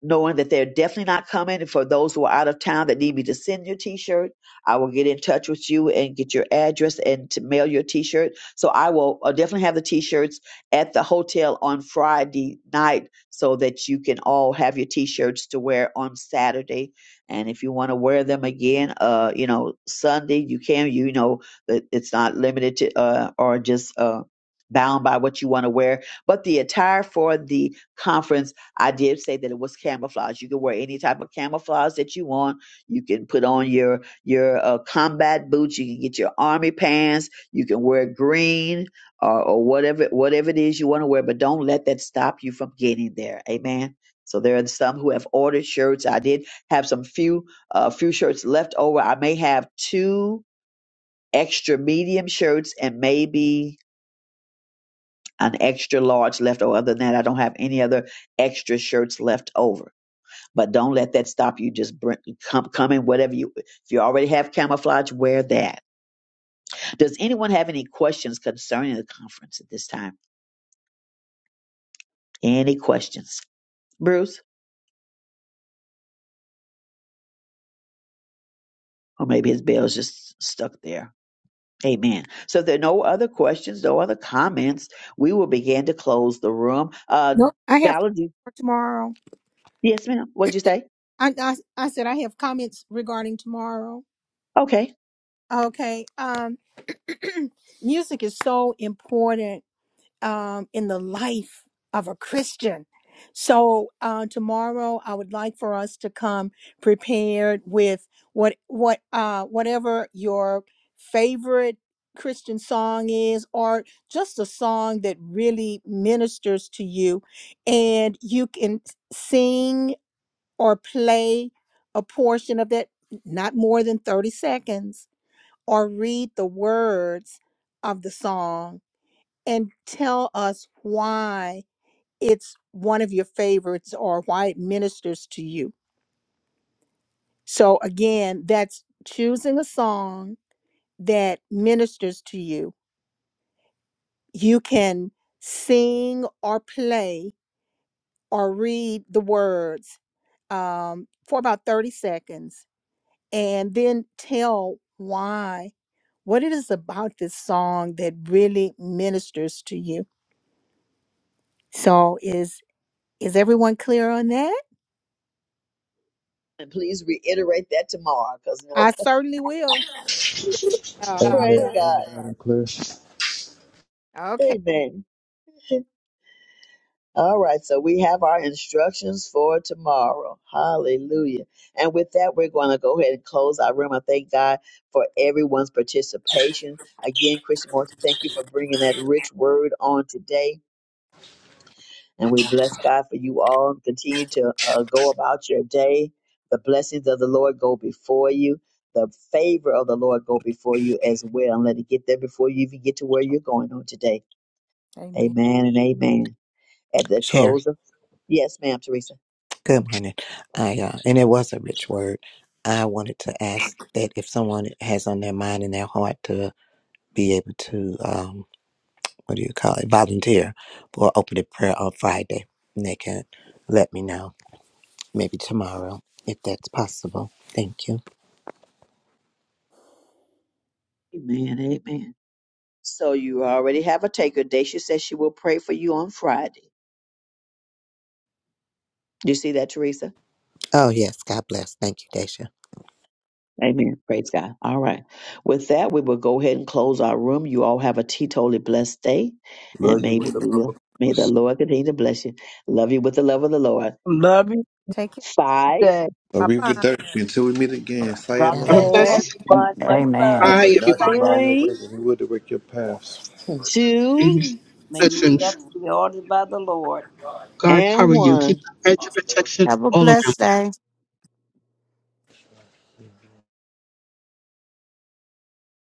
knowing that they're definitely not coming. And for those who are out of town that need me to send your T-shirt, I will get in touch with you and get your address and to mail your T-shirt. So I will uh, definitely have the T-shirts at the hotel on Friday night, so that you can all have your T-shirts to wear on Saturday. And if you want to wear them again, uh, you know, Sunday you can. You know, it- it's not limited to uh, or just uh. Bound by what you want to wear, but the attire for the conference I did say that it was camouflage. You can wear any type of camouflage that you want. You can put on your your uh, combat boots. You can get your army pants. You can wear green or, or whatever whatever it is you want to wear. But don't let that stop you from getting there. Amen. So there are some who have ordered shirts. I did have some few uh, few shirts left over. I may have two extra medium shirts and maybe an extra large left over. Other than that, I don't have any other extra shirts left over but don't let that stop you. Just bring, come, come in whatever you. If you already have camouflage, wear that. Does anyone have any questions concerning the conference at this time? Any questions, Bruce? Or maybe his bell's just stuck there. Amen. So if there are no other questions, no other comments, we will begin to close the room. Uh,
No, I have
Valerie,
for tomorrow.
yes, ma'am. What'd you say?
I, I I said I have comments regarding tomorrow.
Okay.
Okay. Um, [clears throat] music is so important um, in the life of a Christian. So uh, tomorrow, I would like for us to come prepared with what what uh, whatever your favorite Christian song is, or just a song that really ministers to you, and you can sing or play a portion of that, not more than thirty seconds, or read the words of the song and tell us why it's one of your favorites or why it ministers to you. So, again, that's choosing a song that ministers to you. You can sing or play or read the words um, for about 30 seconds and then tell why, what it is about this song that really ministers to you. So, is is everyone clear on that?
And please reiterate that tomorrow, because no,
I certainly will. Uh,
[laughs]
Amen.
praise
yeah.
God.
Okay.
Amen. All right, so we have our instructions for tomorrow. Hallelujah. And with that, we're going to go ahead and close our room. I thank God for everyone's participation. Again, Christian Morrison, thank you for bringing that rich word on today. And we bless God for you all. Continue to uh, go about your day. The blessings of the Lord go before you. The favor of the Lord go before you as well. And let it get there before you even get to where you're going on today.
Amen.
Amen and amen. At the
Chair,
close of Yes, ma'am, Teresa.
good morning. I uh, and it was a rich word. I wanted to ask that if someone has on their mind and their heart to be able to um, what do you call it, volunteer for open a prayer on Friday, and they can let me know maybe tomorrow if that's possible. Thank you.
Amen. Amen. So you already have a taker. Dacia says she will pray for you on Friday. Do you see that, Teresa?
Oh yes, God bless. Thank you, Daisha.
Amen. Praise God. All right. With that, we will go ahead and close our room. You all have a teetotally blessed day.
Love
And
you.
may
What's up,
the,
motherfucker?
may the Lord continue to bless you. Love you with the love of the Lord.
love you,
Take care.
Five,
Dad.
Bye bye.
Arriva Dirk. Until we meet again.
God
God
bless
Sayonara.
bless.
you,
four,
everyone.
[laughs]
Much
Amen.
love.
Remember,
See
not him
you
in all
later.
your
three,
ways, and he will direct your paths.
two,
May your
Amen.
steps be ordered by the Lord.
God
and
cover you.
one.
Keep a hedge of protection
have a
all
blessed day